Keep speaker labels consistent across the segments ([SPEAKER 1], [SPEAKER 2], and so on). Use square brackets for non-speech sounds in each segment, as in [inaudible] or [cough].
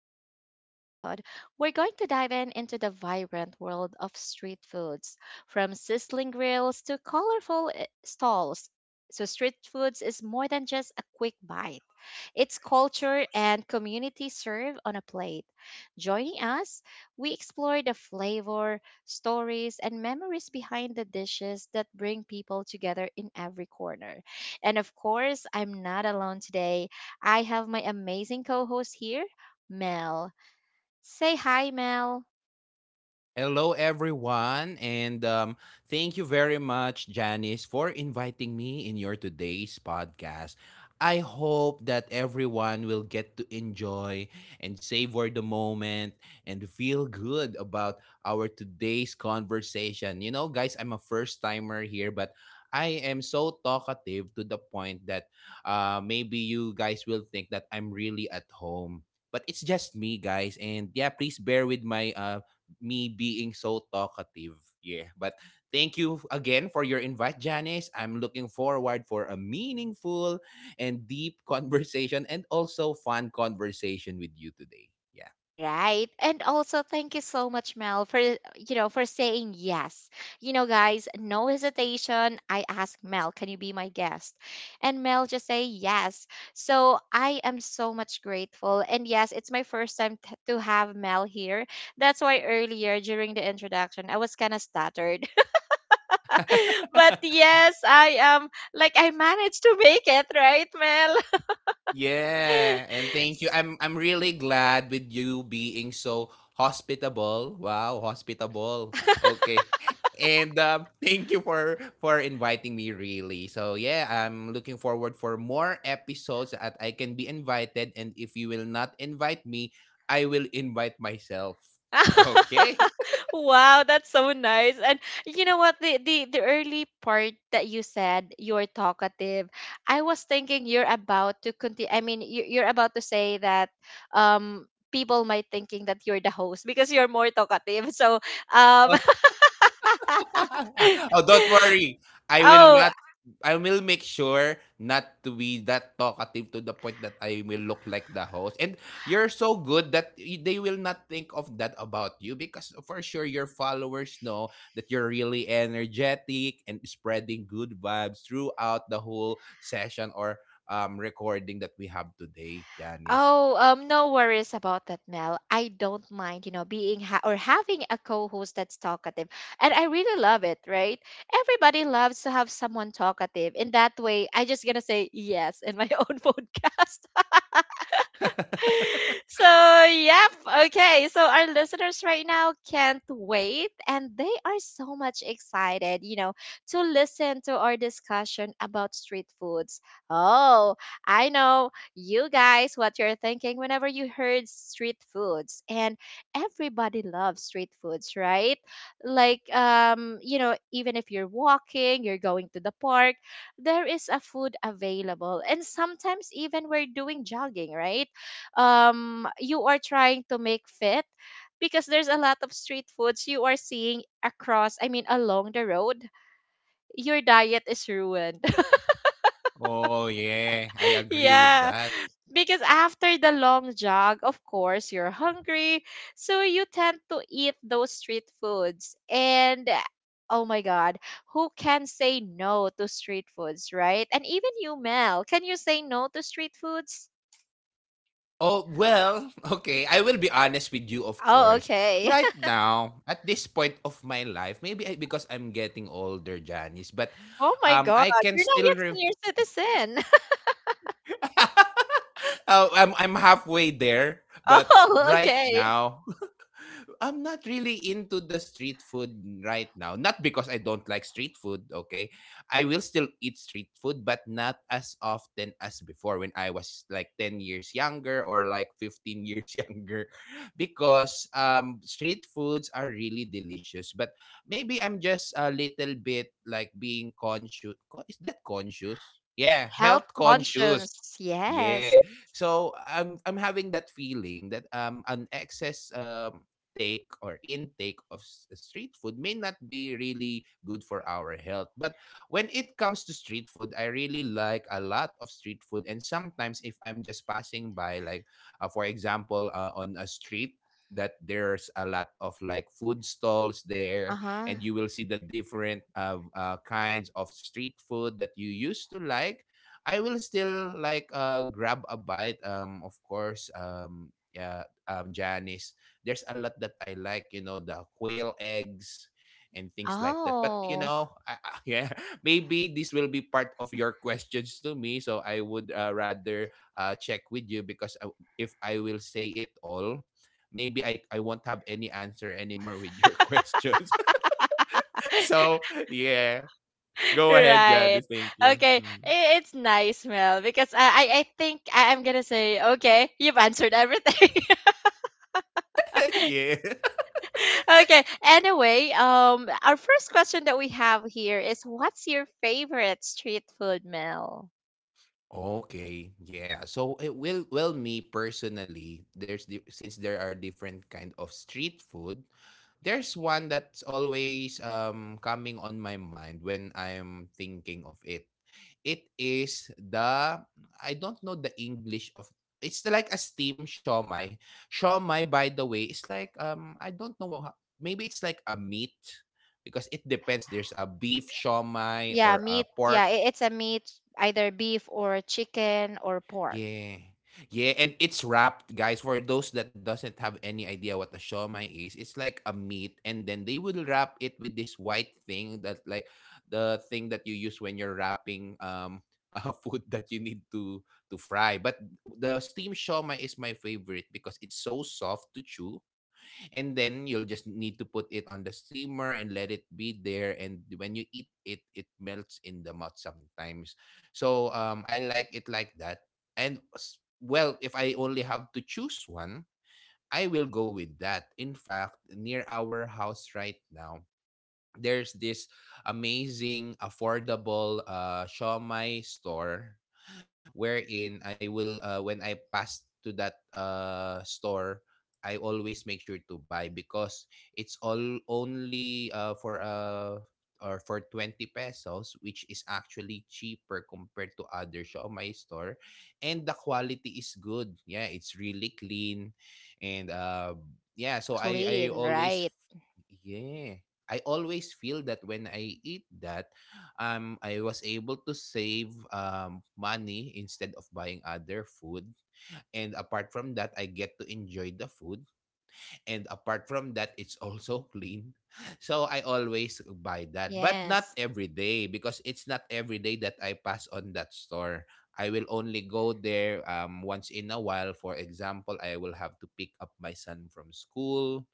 [SPEAKER 1] to today's episode. We're going to dive in into the vibrant world of street foods, from sizzling grills to colorful stalls. So, street foods is more than just a quick bite. It's culture and community served on a plate. Joining us, we explore the flavor, stories, and memories behind the dishes that bring people together in every corner. And of course, I'm not alone today. I have my amazing co host here, Mel. Say hi, Mel.
[SPEAKER 2] Hello, everyone, and thank you very much, Janice, for inviting me in your today's podcast. I hope that everyone will get to enjoy and savor the moment and feel good about our today's conversation. You know, guys, I'm a first timer here, but I am so talkative to the point that maybe you guys will think that I'm really at home. But it's just me, guys, and yeah, please bear with my me being so talkative. Yeah. But thank you again for your invite, Janice. I'm looking forward for a meaningful and deep [laughs] conversation and also fun conversation with you today. Yeah.
[SPEAKER 1] All right. And also thank you so much Mel for for saying yes. You know guys, no hesitation. I asked Mel, "Can you be my guest?" And Mel just say yes. So I am so much grateful. And yes, it's my first time to have Mel here. That's why earlier during the introduction, I was kind of stuttered. [laughs] But yes, I am like I managed to make it, right, Mel?
[SPEAKER 2] Yeah, and thank you. I'm really glad with you being so hospitable. Wow, hospitable. Okay. And [laughs] thank you for inviting me really. So yeah, I'm looking forward for more episodes that I can be invited and if you will not invite me, I will invite myself. [laughs]
[SPEAKER 1] [laughs]
[SPEAKER 2] Okay.
[SPEAKER 1] [laughs] Wow, that's so nice. And you know what? The early part that you said you're talkative. I was thinking you're about to continue. I mean, you're about to say that um people might thinking that you're the host because you're more talkative. So um
[SPEAKER 2] [laughs]
[SPEAKER 1] [laughs]
[SPEAKER 2] Oh, don't worry. I will
[SPEAKER 1] oh.
[SPEAKER 2] not I will make sure not to be that talkative to the point that I will look like the host. And you're so good that they will not think of that about you because for sure your followers know that you're really energetic and spreading good vibes throughout the whole session or recording that we have today, Janice.
[SPEAKER 1] Oh, no worries about that, Mel. I don't mind, you know, being ha- or having a co-host that's talkative, and I really love it. Right? Everybody loves to have someone talkative. In that way, I just gonna say yes in my [laughs] own podcast.
[SPEAKER 2] [laughs]
[SPEAKER 1] [laughs] So yep. Okay, so our listeners right now can't wait, and they are so much excited, you know, to listen to our discussion about street foods. Oh, I know you guys what you're thinking whenever you heard street foods. And everybody loves street foods, right? Like you know, even if you're walking, you're going to the park, there is a food available. And sometimes even we're doing jogging, right? You are trying to make fit, because there's a lot of street foods you are seeing across, I mean along the road. Your diet is ruined.
[SPEAKER 2] Oh yeah, I
[SPEAKER 1] [laughs]
[SPEAKER 2] agree with
[SPEAKER 1] Yeah,
[SPEAKER 2] that.
[SPEAKER 1] because after the long jog of course you're hungry. So you tend to eat those street foods, and oh my god, who can say no to street foods, right? And even you Mel, can you say no to street foods?
[SPEAKER 2] Oh, well, [laughs] okay. I will be honest with you, of
[SPEAKER 1] Oh
[SPEAKER 2] course.
[SPEAKER 1] okay.
[SPEAKER 2] Right now, at this point of my life, because I'm getting older, Janice, but
[SPEAKER 1] [laughs] Oh my god,
[SPEAKER 2] I can
[SPEAKER 1] you're not
[SPEAKER 2] still.
[SPEAKER 1] yet senior citizen.
[SPEAKER 2] [laughs] Oh, I'm halfway there,
[SPEAKER 1] [laughs]
[SPEAKER 2] but
[SPEAKER 1] Oh,
[SPEAKER 2] right
[SPEAKER 1] okay.
[SPEAKER 2] now, I'm not really into the street food right now. Not because I don't like street food, okay? I will still eat street food, but not as often as before when I was like 10 years younger or like 15 years [laughs] younger because street foods are really delicious. But maybe I'm just a little bit like being conscious. Is that conscious? Yeah,
[SPEAKER 1] Health
[SPEAKER 2] health conscious.
[SPEAKER 1] conscious. Yes.
[SPEAKER 2] Yeah. So I'm having that feeling that an excess take or intake of street food may not be really good for our health. But when it comes to street food, I really like a lot of street food. And sometimes if I'm just passing by, like for example, on a street that there's a lot of like food stalls there
[SPEAKER 1] Uh-huh.
[SPEAKER 2] and you will see the different kinds of street food that you used to like I will still like grab a bite. Of course. Yeah. Janice. There's a lot that I like. You know, the quail eggs and things like that. But you
[SPEAKER 1] Oh.
[SPEAKER 2] know, [laughs] yeah, maybe this will be part of your questions to me. So I would rather check with you if I will say it all. Maybe I won't have any answer anymore with your [laughs] questions. [laughs] So, yeah.
[SPEAKER 1] [laughs]
[SPEAKER 2] Go ahead,
[SPEAKER 1] Right.
[SPEAKER 2] Janice. Thank you.
[SPEAKER 1] Okay.
[SPEAKER 2] Mm.
[SPEAKER 1] It's nice, Mel, because I think I'm gonna say okay. You've answered everything.
[SPEAKER 2] [laughs] Yeah.
[SPEAKER 1] [laughs] Okay. Anyway, our first question that we have here is, what's your favorite street food, Mel?
[SPEAKER 2] Okay, yeah. So it will well me personally, there's the, since there are different kind of street food, there's one that's always coming on my mind when I'm thinking of it. It is the I don't know the English of it's the- like a steam shawmai. Shawmai, by the way, is like I don't know how, maybe it's like a meat because it depends. There's a beef
[SPEAKER 1] Y-
[SPEAKER 2] shawmai
[SPEAKER 1] Yeah,
[SPEAKER 2] or
[SPEAKER 1] meat.
[SPEAKER 2] a
[SPEAKER 1] Yeah,
[SPEAKER 2] pork.
[SPEAKER 1] it's a meat, either beef or chicken or pork.
[SPEAKER 2] Yeah. Yeah, and it's wrapped, guys. For those that doesn't have any idea what a shawmai is, it's like a meat, and then they will wrap it with this white thing that, like, the thing that you use when you're wrapping [laughs] food that you need to fry. But the steamed shawmai is my favorite because it's so soft to chew, and then you'll just need to put it on the steamer and let it be there and when you eat it it melts in the mouth sometimes, so I like it like that. And well, if I only have to choose one, I will go with that. In fact, near our house right now there's this amazing affordable shawmai store wherein I will when I pass to that store, I always make sure to buy because it's all only for 20 pesos, which is actually cheaper compared to other Shopee store and the quality is good. Yeah, it's really clean and yeah, so I
[SPEAKER 1] Clean, right?
[SPEAKER 2] yeah, I always feel that when I eat that I was able to save money instead of buying other food. And apart from that, I get to enjoy the food. And apart from that, it's also clean. [laughs] So I always buy
[SPEAKER 1] Yes.
[SPEAKER 2] that, but not every day because it's not every day that I pass on that store. I will only go there once in a while. For example, I will have to pick up my son from school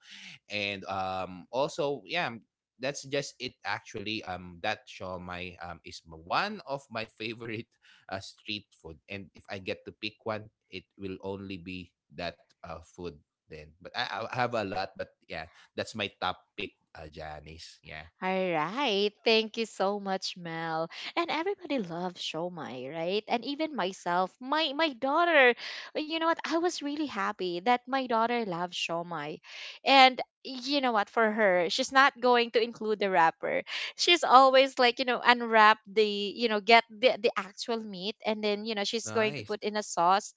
[SPEAKER 2] and also yeah that's just it. Actually that shawmai one of my favorite [laughs] street food, and if I get to pick one it will only be that food then. But I have a lot, but yeah, that's my top pick, Janice. Yeah.
[SPEAKER 1] All right. Thank you so much, Mel. And everybody loves Shomai, right? And even myself, my daughter, you know what? I was really happy that my daughter loves Shomai. And you know what? For her, she's not going to include the wrapper. She's always like, you know, unwrap the, you know, get the actual meat, and then, you know, she's going to
[SPEAKER 2] Nice.
[SPEAKER 1] put
[SPEAKER 2] [laughs]
[SPEAKER 1] in a sauce.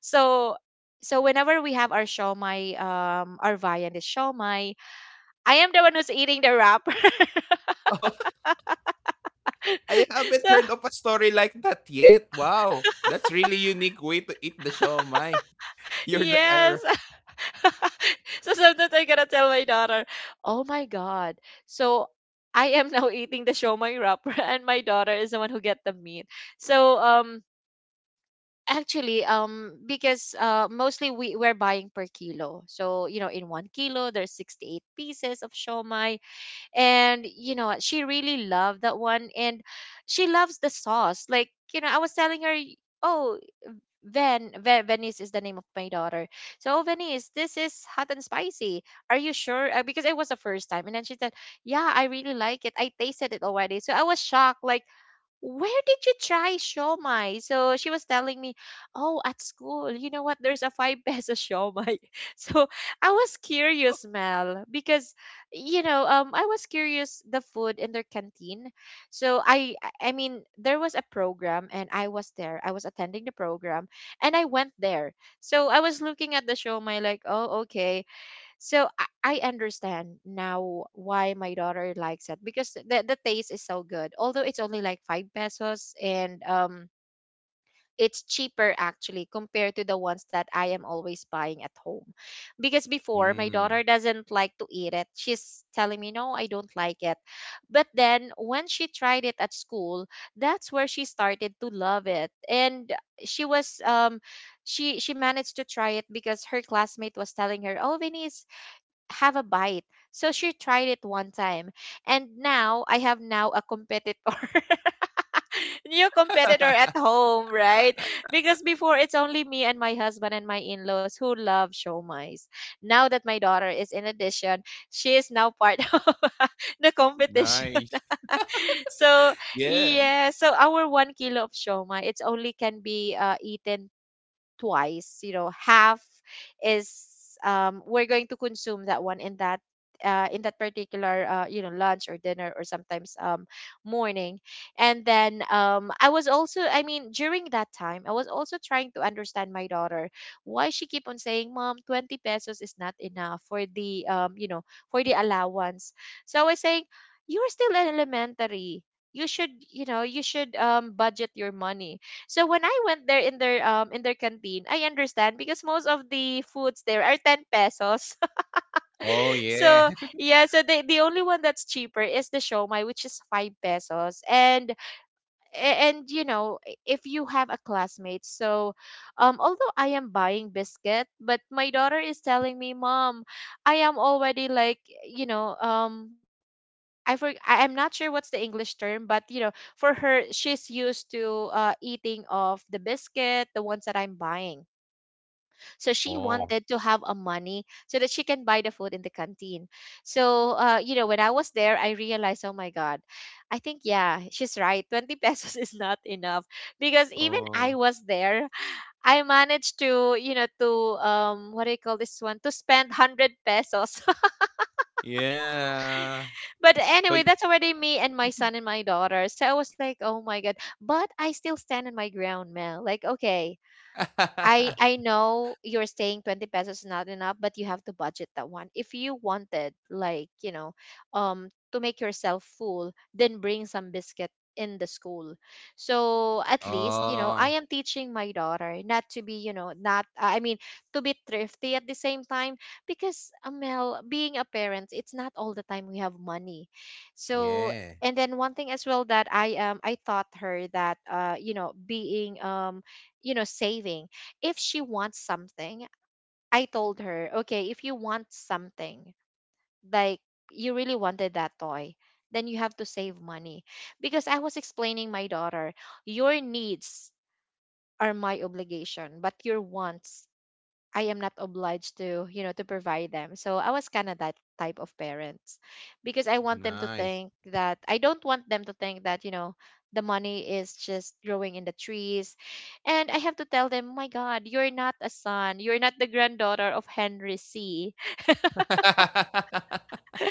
[SPEAKER 1] So so whenever we have our shawmai, our viand is shawmai, I am the one who's eating the wrapper. [laughs]
[SPEAKER 2] Oh, I haven't
[SPEAKER 1] So
[SPEAKER 2] heard of a story like that yet. Wow, that's really unique way to eat the shawmai. [laughs] You're the
[SPEAKER 1] yes.
[SPEAKER 2] error.
[SPEAKER 1] [laughs] So sometimes I gotta tell my daughter, "Oh my God!" So I am [laughs] now eating the shomai wrapper, [laughs] and my daughter is the one who get the meat. So actually because mostly we we're buying per kilo. So you know, in 1 kilo there's 68 pieces of shomai, and you know she really loved that one. And she loves the sauce. Like you know, I was telling her. Oh, Venice is the name of my daughter. So Venice, this is hot and spicy. Are you sure? Because it was the first time, and then she said, "Yeah, I really like it. I tasted it already." So I was shocked, like where did you try shawmai? So she was telling me, oh, at school, you know what? There's a 5-peso shawmai. [laughs] So I was curious, Mel, because you know, I was curious the food in their canteen. So I mean, there was a program, and I was there. I was attending the program, and I went there. So I was looking at the shawmai, like, oh, okay. So I understand now why my daughter likes it because the taste is so good. Although it's only like five pesos and it's cheaper actually compared to the ones that I am always buying at home. Because before my
[SPEAKER 2] Mm.
[SPEAKER 1] daughter doesn't like to eat it. She's telling me no, I don't like it. But then when she tried it at school, that's where she started to love it. And she was she managed to try it because her classmate was telling her, "Oh, Venice, have a bite." So she tried it one time. And now I have now a competitor. [laughs] New competitor at
[SPEAKER 2] [laughs]
[SPEAKER 1] home, right? Because before it's only me and my husband and my in-laws who love showmais. Now that my daughter is in addition, she is now part [laughs] of the competition.
[SPEAKER 2] Nice.
[SPEAKER 1] [laughs] So
[SPEAKER 2] Yeah.
[SPEAKER 1] yeah, so our 1 kilo of shoma, it's only can be eaten twice. You know half is we're going to consume that one in that particular you know lunch or dinner or sometimes morning. And then I was also I mean during that time I was also trying to understand my daughter why she keep on saying mom 20 pesos is not enough for the you know for the allowance. So I was saying you're still in elementary, you should you know you should budget your money. So when I went there in their canteen, I understand because most of the foods there are 10 pesos.
[SPEAKER 2] Oh,
[SPEAKER 1] [laughs]
[SPEAKER 2] yeah.
[SPEAKER 1] So
[SPEAKER 2] [laughs]
[SPEAKER 1] yeah, so the only one that's cheaper is the shomai which is 5 pesos. And you know, if you have a classmate, so although I am buying biscuit, but my daughter is telling me, "Mom, I am already like, you know, I'm not sure what's the English term, but you know, for her, she's used to eating of the biscuit, the ones that I'm buying. So she
[SPEAKER 2] Oh,
[SPEAKER 1] wanted to have a money so that she can buy the food in the canteen." So you know, when I was there, I realized, oh my God, I think yeah, she's right. 20 [laughs] pesos is not enough because even I
[SPEAKER 2] oh,
[SPEAKER 1] was there, I managed to you know to what do you call this one to spend 100 pesos.
[SPEAKER 2] yeah.
[SPEAKER 1] But
[SPEAKER 2] So
[SPEAKER 1] anyway,
[SPEAKER 2] y
[SPEAKER 1] that's already me and my son and my daughter. So I was like, oh my god. But I still stand on my ground, Mel. Like, okay,
[SPEAKER 2] [laughs]
[SPEAKER 1] I know you're saying 20 pesos is not enough, but you have to budget that one. If you wanted like, you know, to make yourself full, then bring some biscuit in the school. So at least, you know, I
[SPEAKER 2] Oh,
[SPEAKER 1] am teaching my daughter not to be, you know, not I mean, to be thrifty at the same time because Amel, being a parent, it's not all the time we have money. So
[SPEAKER 2] yeah.
[SPEAKER 1] and then one thing as well that I taught her that you know being you know saving. If she wants something, I told her, okay, if you want something, like you really wanted that toy, then you have to save money. Because I was explaining my daughter, your needs are my obligation, but your wants I am not obliged to, you know, to provide them. So I was kind of that type of parents because
[SPEAKER 2] Nice.
[SPEAKER 1] I don't want them to think that, you know, the money is just growing in the trees. And I have to tell them, my God, you're not a son. You're not the granddaughter of Henry C. [laughs]
[SPEAKER 2] [laughs]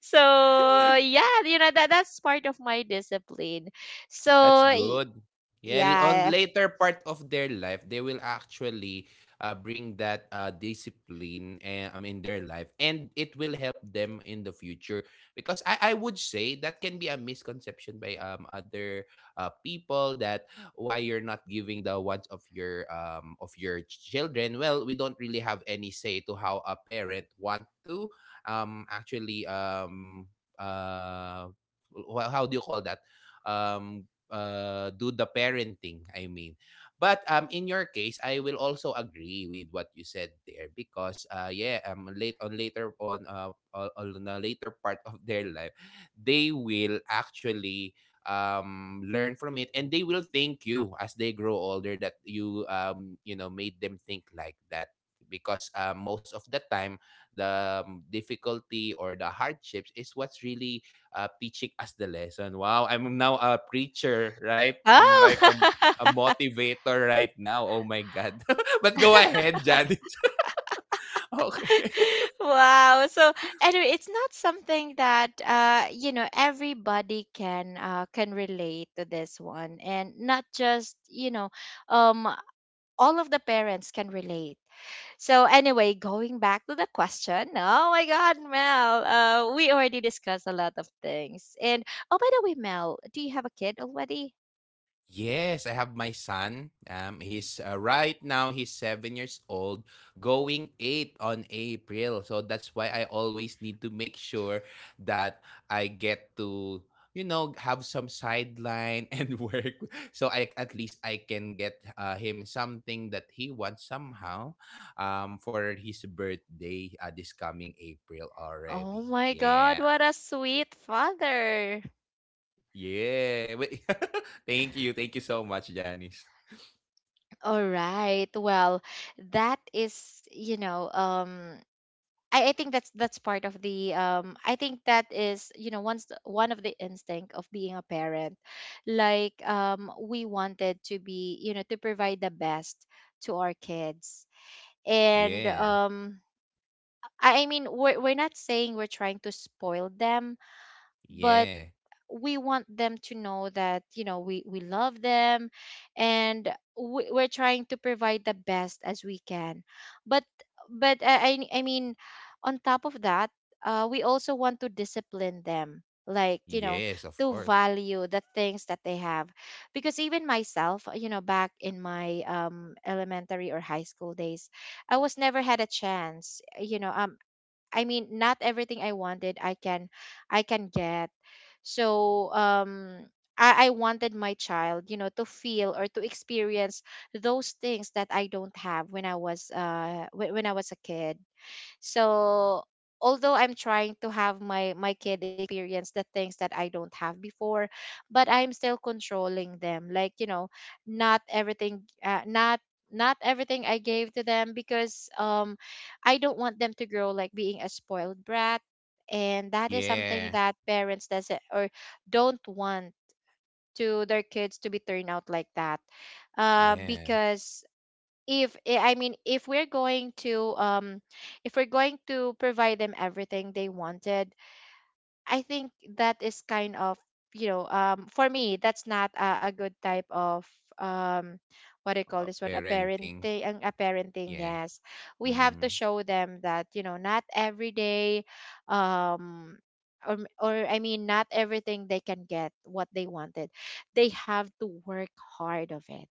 [SPEAKER 1] So yeah, you know, that's part of my discipline. So
[SPEAKER 2] That's good. Yeah, on
[SPEAKER 1] yeah.
[SPEAKER 2] later part of their life, they will actually bring that discipline in their life, and it will help them in the future. Because I would say that can be a misconception by other people that why you're not giving the wants of your children. Well, we don't really have any say to how a parent want to actually uh well, how do you call that, um do the parenting, I mean. But in your case, I will also agree with what you said there because yeah, later on on a later part of their life, they will actually learn from it and they will thank you as they grow older that you you know made them think like that because most of the time the difficulty or the hardships is what's really teaching us the lesson. Wow, I'm now a preacher, right? I'm
[SPEAKER 1] Oh.
[SPEAKER 2] like a
[SPEAKER 1] [laughs]
[SPEAKER 2] motivator right now. Oh my God. [laughs] But go ahead, Janice. [laughs] Okay.
[SPEAKER 1] Wow. So anyway, it's not something that you know everybody can relate to this one, and not just, you know, um all of the parents can relate. So anyway, going back to the question. Oh my god, Mel. We already discussed a lot of things. And oh by the way, Mel, do you have a kid already?
[SPEAKER 2] Yes, I have my son. He's right now he's 7 years old, going eight on April. So that's why I always need to make sure that I get to you know have some sideline [laughs] and work, so I at least I can get him something that he wants somehow, for his birthday this coming April
[SPEAKER 1] Oh
[SPEAKER 2] already.
[SPEAKER 1] my god,
[SPEAKER 2] Yeah,
[SPEAKER 1] what a sweet father.
[SPEAKER 2] yeah. [laughs] Wait. [laughs] Thank you, thank you so much, Janice.
[SPEAKER 1] All right. Well, that is, I think that's part of the I think that is, once one of the instinct of being a parent, like we wanted to be, to provide the best to our kids. And
[SPEAKER 2] Yeah.
[SPEAKER 1] I mean we're not saying we're trying to spoil them, but
[SPEAKER 2] Yeah.
[SPEAKER 1] we want them to know that, we love them, and we're trying to provide the best as we can. But I mean on top of that, we also want to discipline them, like
[SPEAKER 2] Yes, of
[SPEAKER 1] to
[SPEAKER 2] course.
[SPEAKER 1] value the things that they have. Because even myself, back in my elementary or high school days, I was never had a chance, I mean, not everything I wanted I can get. So I wanted my child, to feel or to experience those things that I don't have when I was when I was a kid. So although I'm trying to have my kid experience the things that I don't have before, but I'm still controlling them. Like not everything, not everything I gave to them, because I don't want them to grow like being a spoiled brat, and that is something
[SPEAKER 2] Yeah.
[SPEAKER 1] that parents doesn't or don't want to their kids to be turned out like that,
[SPEAKER 2] Yeah.
[SPEAKER 1] because if eh, I mean, if we're going to provide them everything they wanted, I think that is kind of, for me, that's not a good type of um what do you call this one, a
[SPEAKER 2] Parenting.
[SPEAKER 1] parenting, a parenting,
[SPEAKER 2] Yeah.
[SPEAKER 1] yes. We have to
[SPEAKER 2] Mm.
[SPEAKER 1] show them that, not every day, um or I mean not everything they can get what they wanted. They have to work hard of it.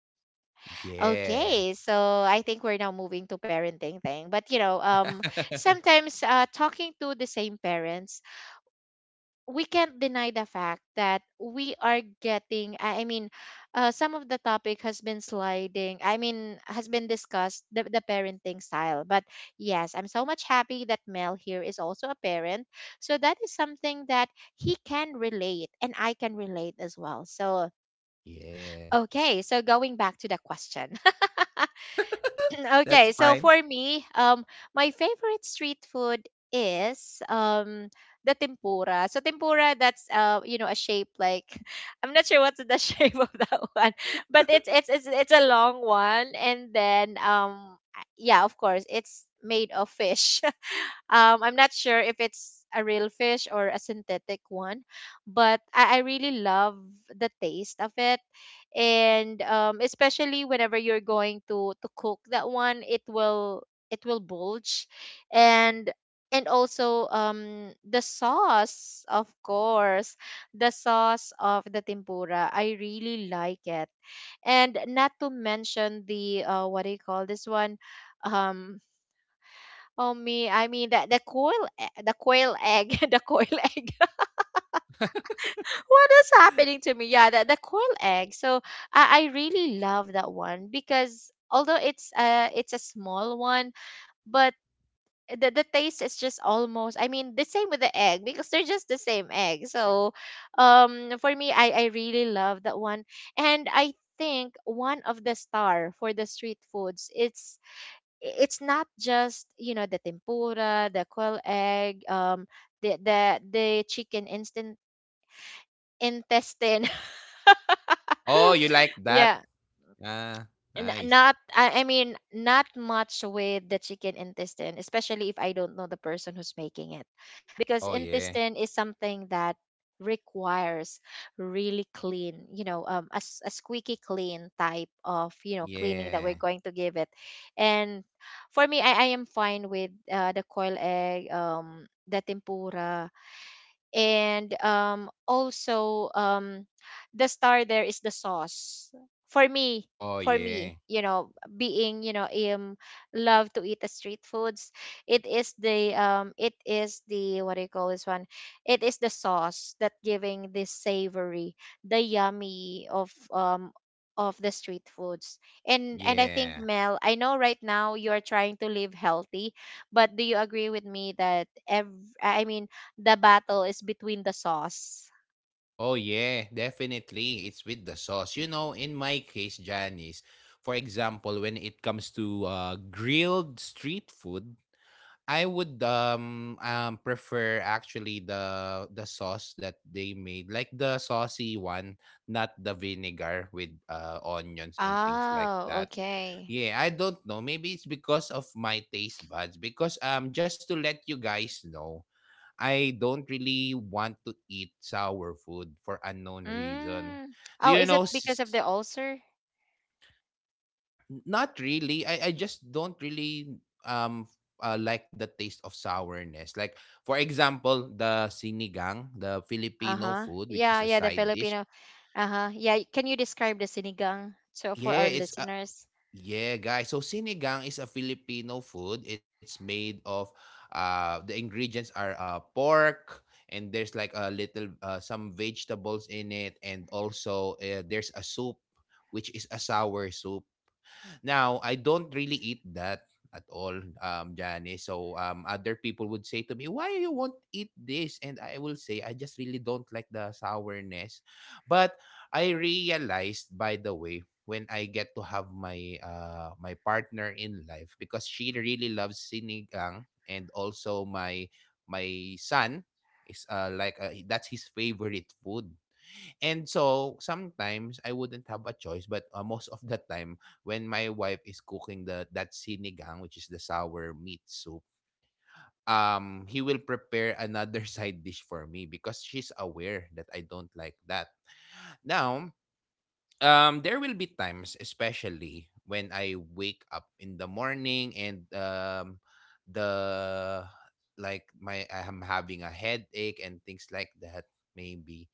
[SPEAKER 2] Yeah.
[SPEAKER 1] Okay, so I think we're now moving to parenting thing. But
[SPEAKER 2] [laughs]
[SPEAKER 1] sometimes talking to the same parents, we can't deny the fact that we are getting some of the topic has been sliding. I mean, has been discussed the parenting style. But yes, I'm so much happy that Mel here is also a parent. So that is something that he can relate and I can relate as well. So
[SPEAKER 2] Yeah.
[SPEAKER 1] okay, so going back to the question.
[SPEAKER 2] [laughs]
[SPEAKER 1] [clears throat]
[SPEAKER 2] That's
[SPEAKER 1] Okay, so
[SPEAKER 2] fine.
[SPEAKER 1] for me, my favorite street food is the tempura. So tempura, that's a shape like [laughs] I'm not sure what's the [laughs] shape of that [laughs] one, but it's a long one, and then yeah, of course, it's made of fish. I'm not sure if it's a real fish or a synthetic one, but I really love the taste of it. And especially whenever you're going to cook that one, it will bulge, and also the sauce, of course, the sauce of the tempura. I really like it, and not to mention the what do you call this one, um oh me, I mean that the the coil egg, [laughs] the coil egg. [laughs] What is happening to me? Yeah, the coil egg. So I really love that one, because although it's a small
[SPEAKER 2] Yeah.
[SPEAKER 1] one, but the taste is just almost, I mean, the same with the egg, because they're just the same egg. So for me, I really love that one. And I think one of the star for the street foods, it's not just, the tempura, the quail egg, the the the chicken instant intestine,
[SPEAKER 2] Oh,
[SPEAKER 1] [laughs]
[SPEAKER 2] you like
[SPEAKER 1] yeah.
[SPEAKER 2] that? Ah, nice.
[SPEAKER 1] Not I mean, not much with the chicken intestine, especially if I don't know the person who's making it, because
[SPEAKER 2] Oh yeah.
[SPEAKER 1] intestine is something that requires really clean, a squeaky clean type of, cleaning that we're
[SPEAKER 2] Yeah.
[SPEAKER 1] going to give it. And for me, I am fine with, the coil egg, the tempura, and also, the star there is the sauce, for me.
[SPEAKER 2] Oh
[SPEAKER 1] For me,
[SPEAKER 2] yeah.
[SPEAKER 1] being, um love to eat the street foods, it is the what do you call this one, it is the sauce that giving this savory, the yummy of, of the street foods. And I think,
[SPEAKER 2] Yeah.
[SPEAKER 1] Mel, I know right now you're trying to live healthy, but do you agree with me that I mean, the battle is between the sauce.
[SPEAKER 2] Oh yeah, definitely. It's with the sauce. You know, in my case, Janice, for example, when it comes to grilled street food, I would prefer actually the sauce that they made, like the saucy one, not the vinegar with onions and things like
[SPEAKER 1] Oh,
[SPEAKER 2] that.
[SPEAKER 1] okay.
[SPEAKER 2] Yeah, I don't know. Maybe it's because of my taste buds. Because just to let you guys know, I don't really want to eat sour food for unknown reason.
[SPEAKER 1] Mm.
[SPEAKER 2] Do
[SPEAKER 1] Oh,
[SPEAKER 2] you
[SPEAKER 1] is it
[SPEAKER 2] know?
[SPEAKER 1] because of the ulcer?
[SPEAKER 2] Not really. I just don't really um like the taste of sourness. Like for example, the sinigang, the Filipino
[SPEAKER 1] Uh-huh.
[SPEAKER 2] food, which
[SPEAKER 1] Yeah,
[SPEAKER 2] is a
[SPEAKER 1] yeah, the
[SPEAKER 2] side dish.
[SPEAKER 1] Filipino. Uh-huh. Yeah, can you describe the sinigang so for our
[SPEAKER 2] Yeah, it's a
[SPEAKER 1] listeners?
[SPEAKER 2] yeah, guys. So sinigang is a Filipino food. It's made of the ingredients are pork and there's like a little some vegetables in it, and also there's a soup which is a sour soup. Now, I don't really eat that at all, Janice. So, other people would say to me, why you won't eat this? And I will say, I just really don't like the sourness. But I realized, by the way, when I get to have my my partner in life, because she really loves sinigang, and also my son is that's his favorite food. And so, sometimes I wouldn't have a choice, but most of the time, when my wife is cooking the that sinigang, which is the sour meat soup, he will prepare another [laughs] side dish for me because she's aware that I don't like that. Now, there will be times, especially when I wake up in the morning and the like my I'm having a headache and things like that. Maybe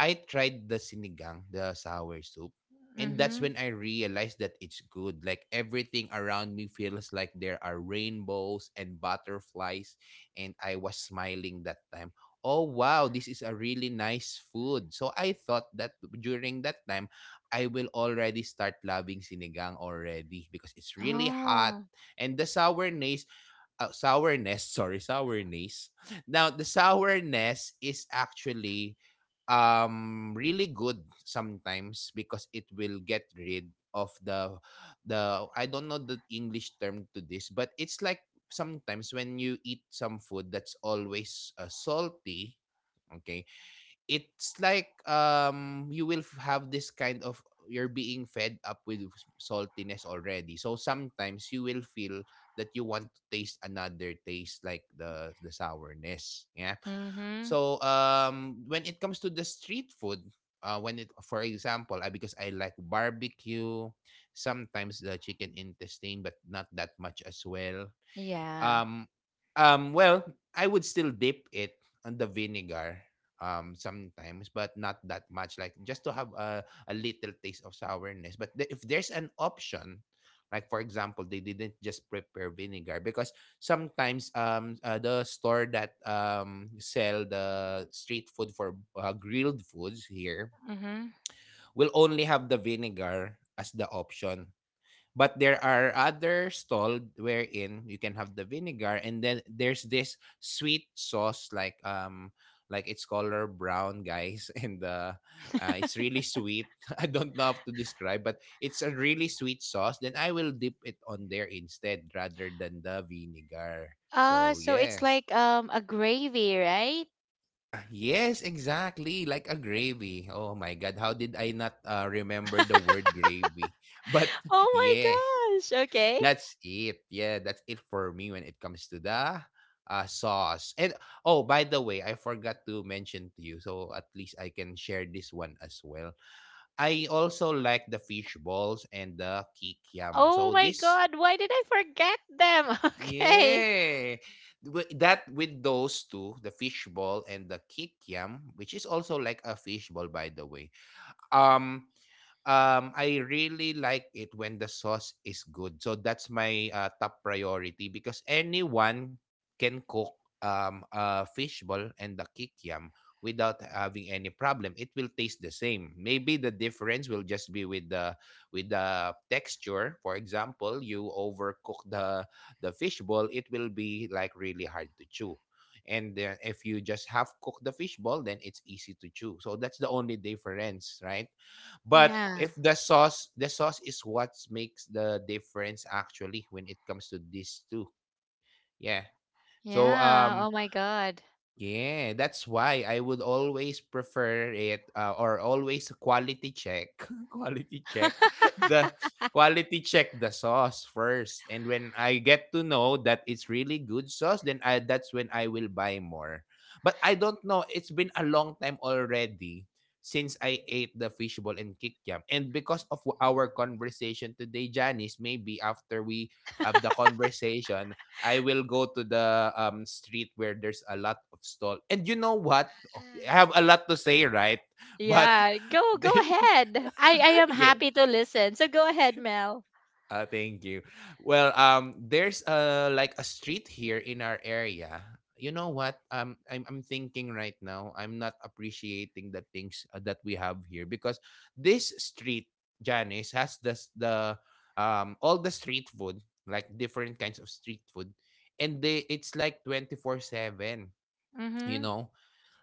[SPEAKER 2] I tried the sinigang, the sour soup, and that's
[SPEAKER 1] Mhm.
[SPEAKER 2] when I realized that it's good. Like everything around me feels like there are rainbows and butterflies, and I was smiling that time. Oh wow, this is a really nice food. So I thought that during that time, I will already start loving sinigang already because it's really
[SPEAKER 1] Oh.
[SPEAKER 2] hot and the sourness sourness, sorry, sourness. Now, the sourness is actually really good sometimes because it will get rid of the I don't know the English term to this, but it's like sometimes when you eat some food that's always salty, okay? It's like you will have this kind of you're being fed up with saltiness already, so sometimes you will feel that you want to taste another taste like the sourness, yeah.
[SPEAKER 1] Mhm.
[SPEAKER 2] So when it comes to the street food, when it for example, because I like barbecue, sometimes the chicken intestine, but not that much as well.
[SPEAKER 1] Yeah.
[SPEAKER 2] Um, um, well, I would still dip it on the vinegar sometimes, but not that much, like just to have a little taste of sourness. But if there's an option, like for example, they didn't just prepare vinegar because sometimes the store that sell the street food for grilled foods here
[SPEAKER 1] Mhm.
[SPEAKER 2] will only have the vinegar as the option. But there are other stall wherein you can have the vinegar, and then there's this sweet sauce, like it's color brown, guys, [laughs] and it's really sweet. [laughs] I don't know how to describe, but it's a really sweet sauce. Then I will dip it on there instead rather than the vinegar. So
[SPEAKER 1] So it's
[SPEAKER 2] yeah.
[SPEAKER 1] like a gravy, right?
[SPEAKER 2] [clears throat] Yes, exactly. Like a gravy. Oh my god, how did I not remember the word gravy? [laughs] But
[SPEAKER 1] Oh
[SPEAKER 2] yeah.
[SPEAKER 1] my gosh. Okay.
[SPEAKER 2] That's it. Yeah, that's it for me when it comes to the sauce. And oh, by the way, I forgot to mention to you, so at least I can share this one as well. I also like the fish balls and the kikiam.
[SPEAKER 1] Oh
[SPEAKER 2] So
[SPEAKER 1] my
[SPEAKER 2] this,
[SPEAKER 1] God, why did I forget them? [laughs] Okay.
[SPEAKER 2] yeah, that with those two, the fish ball and the kikiam, which is also like a fish ball, by the way. Um, I really like it when the sauce is good. So that's my top priority because anyone can cook a fishball and the kikiam without having any problem. It will taste the same. Maybe the difference will just be with the texture. For example, you overcook the fishball, it will be like really hard to chew. And then if you just half cook the fishball, then it's easy to chew. So that's the only difference, right? But
[SPEAKER 1] Yeah.
[SPEAKER 2] if the sauce, the sauce is what makes the difference actually when it comes to these two. Yeah. So
[SPEAKER 1] Yeah. Oh my God.
[SPEAKER 2] yeah, that's why I would always prefer it or always quality check, [laughs] quality check the
[SPEAKER 1] [laughs]
[SPEAKER 2] quality check the sauce first. And when I get to know that it's really good sauce, then I that's when I will buy more. But I don't know, it's been a long time already since I ate the fishball and kikyam. And because of our conversation today, Janice, maybe after we have the conversation, I will go to the street where there's a lot of stall. And you know what? I have a lot to say, right? But
[SPEAKER 1] Yeah, go
[SPEAKER 2] [laughs]
[SPEAKER 1] go ahead. I am
[SPEAKER 2] yeah,
[SPEAKER 1] happy to listen. So go ahead, Mel.
[SPEAKER 2] thank you. Well, there's like a street here in our area. You know what? I'm thinking right now. I'm not appreciating the things that we have here because this street, Janice, has the s- the all the street food, like different kinds of street food, and they it's like 24/7, you
[SPEAKER 1] Mhm.
[SPEAKER 2] know,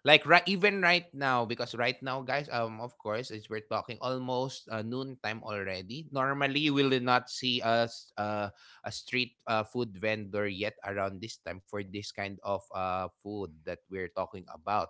[SPEAKER 2] like right even right now because right now, guys, of course, as we're talking almost noon time already, normally we will not see us a street food vendor yet around this time for this kind of food that we're talking about.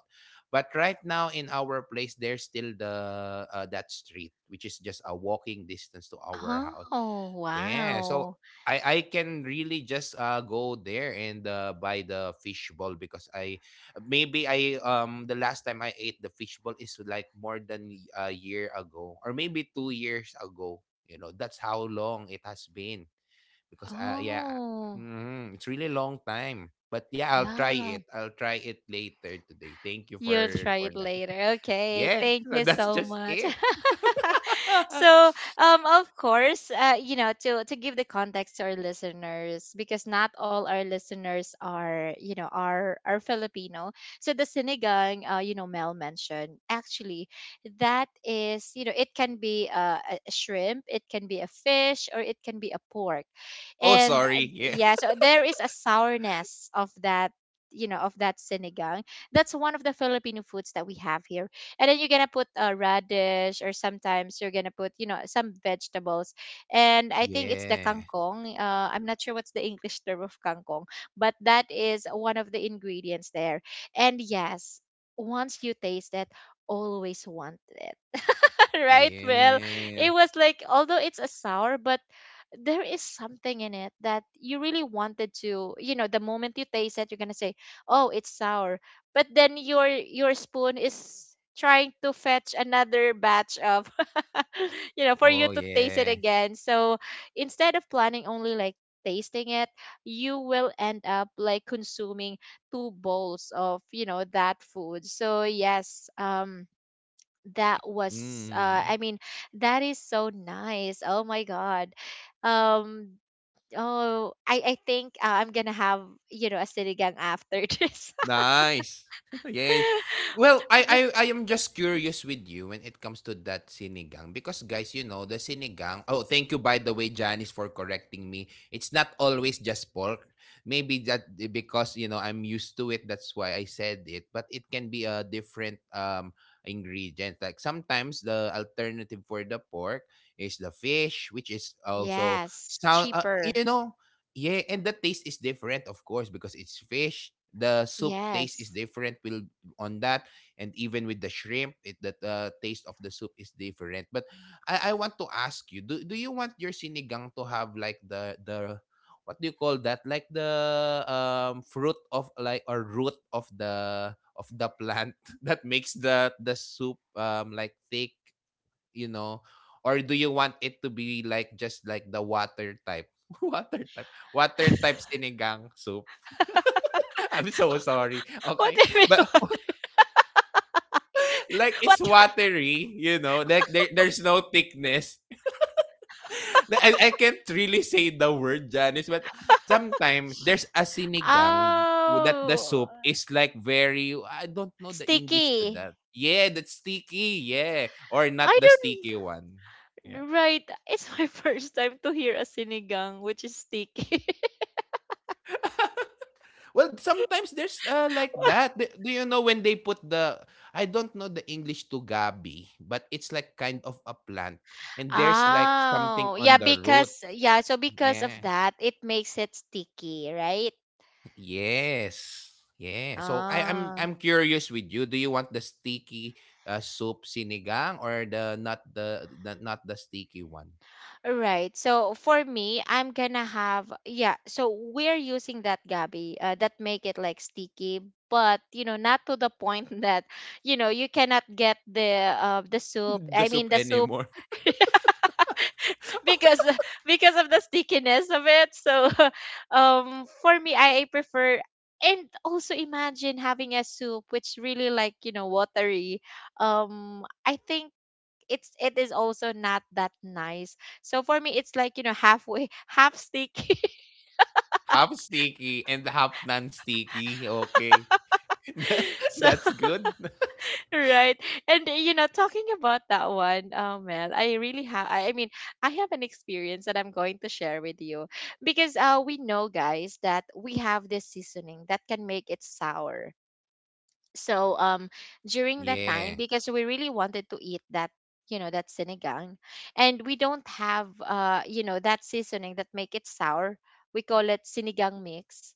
[SPEAKER 2] But right now in our place, there's still the that street, which is just a walking distance to our house.
[SPEAKER 1] Oh,
[SPEAKER 2] Yeah, so
[SPEAKER 1] wow.
[SPEAKER 2] I can really just go there and buy the fishball because I maybe I the last time I ate the fishball is like more than a year ago or maybe 2 years ago. You know, that's how long it has been because yeah,
[SPEAKER 1] Oh,
[SPEAKER 2] mhm, it's really long time. But yeah, I'll try
[SPEAKER 1] yeah.
[SPEAKER 2] it. I'll try it later today. Thank you
[SPEAKER 1] You'll try it
[SPEAKER 2] for that.
[SPEAKER 1] later. Okay.
[SPEAKER 2] Yeah, [laughs]
[SPEAKER 1] Thank you
[SPEAKER 2] that's
[SPEAKER 1] so
[SPEAKER 2] just
[SPEAKER 1] much.
[SPEAKER 2] it.
[SPEAKER 1] [laughs]
[SPEAKER 2] [laughs]
[SPEAKER 1] So of course, to give the context to our listeners, because not all our listeners are, are Filipino. So the sinigang, Mel mentioned actually, that is, it can be, a shrimp, it can be a fish, or it can be a pork.
[SPEAKER 2] Oh,
[SPEAKER 1] And
[SPEAKER 2] sorry. Yeah.
[SPEAKER 1] yeah,
[SPEAKER 2] [laughs]
[SPEAKER 1] so there is a sourness of that, of that sinigang. That's one of the Filipino foods that we have here. And then you're gonna put a radish, or sometimes you're gonna put, some vegetables. And I think it's the
[SPEAKER 2] Yeah.
[SPEAKER 1] kangkong, I'm not sure what's the English [laughs] term of kangkong. But that is one of the ingredients there. And yes, once you taste it, always want it. [laughs] Right. Well, it
[SPEAKER 2] Yeah.
[SPEAKER 1] was like, although it's a sour, but there is something in it that you really wanted to, the moment you taste it, you're gonna say, "Oh, it's sour," but then your spoon is trying to fetch another batch of, [laughs] for you
[SPEAKER 2] Oh,
[SPEAKER 1] to taste it
[SPEAKER 2] yeah.
[SPEAKER 1] again. So instead of planning only like tasting it, you will end up like consuming two bowls of, that food. So yes, that was
[SPEAKER 2] Mm.
[SPEAKER 1] I mean, that is so nice, oh my god. um oh, I think, I'm gonna have, a sinigang after [laughs] this.
[SPEAKER 2] Nice. [laughs] Yes. Well, I am just curious with you when it comes to that sinigang because, guys, you know, the sinigang. Oh, thank you, by the way, Janice, for correcting me. It's not always just pork. Maybe that, eh, because you know I'm used to it, that's why I said it. But it can be a different ingredient. Like sometimes the alternative for the pork is the fish, which is also
[SPEAKER 1] Yes,
[SPEAKER 2] sound.
[SPEAKER 1] cheaper.
[SPEAKER 2] You know, yeah, and the taste is different, of course, because it's fish. The soup taste
[SPEAKER 1] Yes.
[SPEAKER 2] is different will on that, and even with the shrimp, it that the taste of the soup is different. But I want to ask you, do you want your sinigang to have like the what do you call that? Like the fruit of like or root of the plant [laughs] that makes the soup like thick, you know? Or do you want it to be like just like the water type? [laughs] Water type. Water type sinigang soup. [laughs] I'm so sorry.
[SPEAKER 1] What
[SPEAKER 2] Okay.
[SPEAKER 1] do you mean?
[SPEAKER 2] But
[SPEAKER 1] What?
[SPEAKER 2] [laughs] like
[SPEAKER 1] What?
[SPEAKER 2] it's watery, you know, like there's no thickness. [laughs] I can't really say the word, Janice, but sometimes there's a sinigang that the
[SPEAKER 1] Oh,
[SPEAKER 2] soup is like very I don't know the English to
[SPEAKER 1] sticky.
[SPEAKER 2] that. Yeah, that's sticky. Yeah, or not
[SPEAKER 1] I
[SPEAKER 2] the
[SPEAKER 1] don't.
[SPEAKER 2] sticky one. Yeah.
[SPEAKER 1] Right, it's my [laughs] first time to hear a sinigang which is sticky.
[SPEAKER 2] [laughs] Well, sometimes there's, like
[SPEAKER 1] [laughs]
[SPEAKER 2] that. Do you know when they put the I don't know the English to gabi, but it's like kind of a plant, and there's like
[SPEAKER 1] Oh,
[SPEAKER 2] something
[SPEAKER 1] yeah,
[SPEAKER 2] on the root.
[SPEAKER 1] because yeah, so because of
[SPEAKER 2] Yeah.
[SPEAKER 1] that, it makes it sticky, right?
[SPEAKER 2] Yes. Yeah. So I'm
[SPEAKER 1] Ah,
[SPEAKER 2] curious with you. Do you want the sticky, soup sinigang or the not the sticky one? [laughs]
[SPEAKER 1] right. So for me, I'm gonna have, yeah. So we're using that Gabi, that make it like sticky, but not to the point [laughs] that, you cannot get the soup.
[SPEAKER 2] The
[SPEAKER 1] I mean,
[SPEAKER 2] soup
[SPEAKER 1] the soup,
[SPEAKER 2] anymore.
[SPEAKER 1] [laughs] because of the stickiness of it. So [laughs] for me, prefer. And also imagine having a soup which really like, watery. I think it is also not that nice. So for me it's like, halfway, half sticky. [laughs]
[SPEAKER 2] [laughs] Half sticky and half non-sticky. Okay. [laughs]
[SPEAKER 1] So.
[SPEAKER 2] That's good.
[SPEAKER 1] Right. And talking about that one, Mel, I have an experience that I'm going to share with you, because we know, guys, that we have this seasoning that can make it sour. So
[SPEAKER 2] [laughs]
[SPEAKER 1] during that time,
[SPEAKER 2] Yeah.
[SPEAKER 1] because we really wanted to eat that, that sinigang, and we don't have, that seasoning that make it sour, we call it sinigang mix,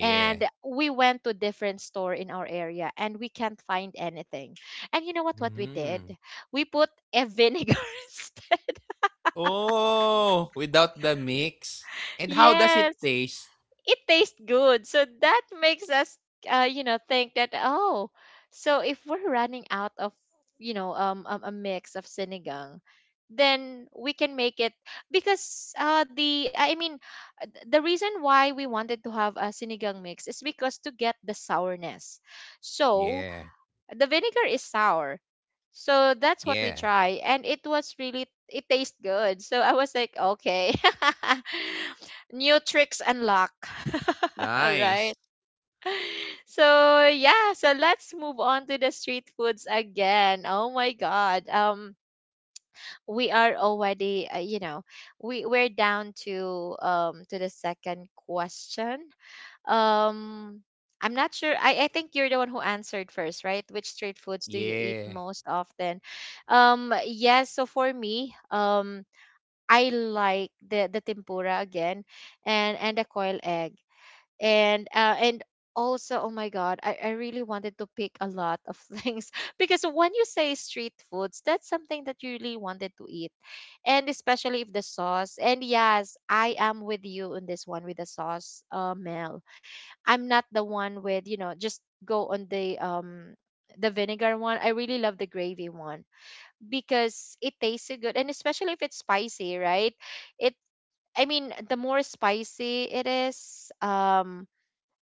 [SPEAKER 1] and we went to a different store in our area, and we can't find anything. And you know what, we did,
[SPEAKER 2] Mm.
[SPEAKER 1] we put a vinegar [laughs] instead.
[SPEAKER 2] Oh, without the mix. And how does
[SPEAKER 1] Yes,
[SPEAKER 2] it taste?
[SPEAKER 1] it tastes good, so that makes us, think that, oh, so if we're running out of, a mix of sinigang, then we can make it. Because the I mean th- the reason why we wanted to have a sinigang mix is because to get the sourness. So
[SPEAKER 2] Yeah.
[SPEAKER 1] the vinegar is sour. So that's what we
[SPEAKER 2] Yeah.
[SPEAKER 1] try, and it was really, it tastes good. So I was like, okay. [laughs] New tricks unlock. [laughs] Right?
[SPEAKER 2] Nice.
[SPEAKER 1] So yeah, so let's move on to the street foods again. Oh my god. We are already, we're down to, to the second question. um, I'm not sure. I think you're the one who answered first, right? Which street foods do you eat
[SPEAKER 2] Yeah.
[SPEAKER 1] most often? Yes, so for me, I like the tempura again, and the coil egg. And also, oh my God, I really wanted to pick a lot of [laughs] things, because when you say street foods, that's something that you really wanted to eat. And especially if the sauce. And yes, I am with you on this one with the sauce, Mel. I'm not the one with, you know, just go on the the vinegar one. I really love the gravy one because it tastes so good, and especially if it's spicy, right? It I mean, the more spicy it is,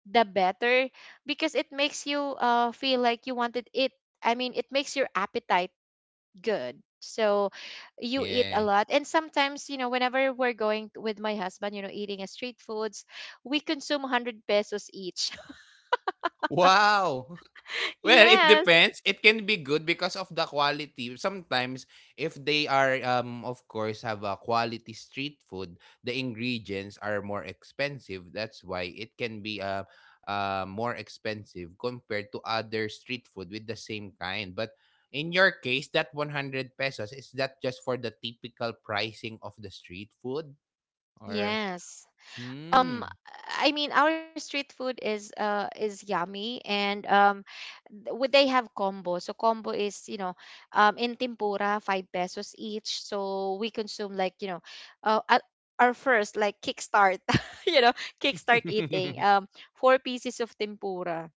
[SPEAKER 1] the better, because it makes you feel like you wanted it. I mean, it makes your appetite good. So you eat a
[SPEAKER 2] Yeah.
[SPEAKER 1] lot, and sometimes, you know, whenever we're going with my husband, you know, eating a street foods, we consume 100 pesos each. [laughs]
[SPEAKER 2] Wow. Well, it
[SPEAKER 1] Yes,
[SPEAKER 2] depends. It can be good because of the quality. Sometimes, if they are, of course, have a quality street food, the ingredients are more expensive. That's why it can be more expensive compared to other street food with the same kind. But in your case, that 100 pesos, is that just for the typical pricing of the street food? Or,
[SPEAKER 1] Yes.
[SPEAKER 2] hmm.
[SPEAKER 1] Um, I mean, our street food is yummy, and would they have combo? So combo is, you know, in tempura 5 pesos each. So we consume, like, you know, at our first, like, kickstart, [laughs] you know, kickstart eating
[SPEAKER 2] [laughs]
[SPEAKER 1] 4 pieces of tempura.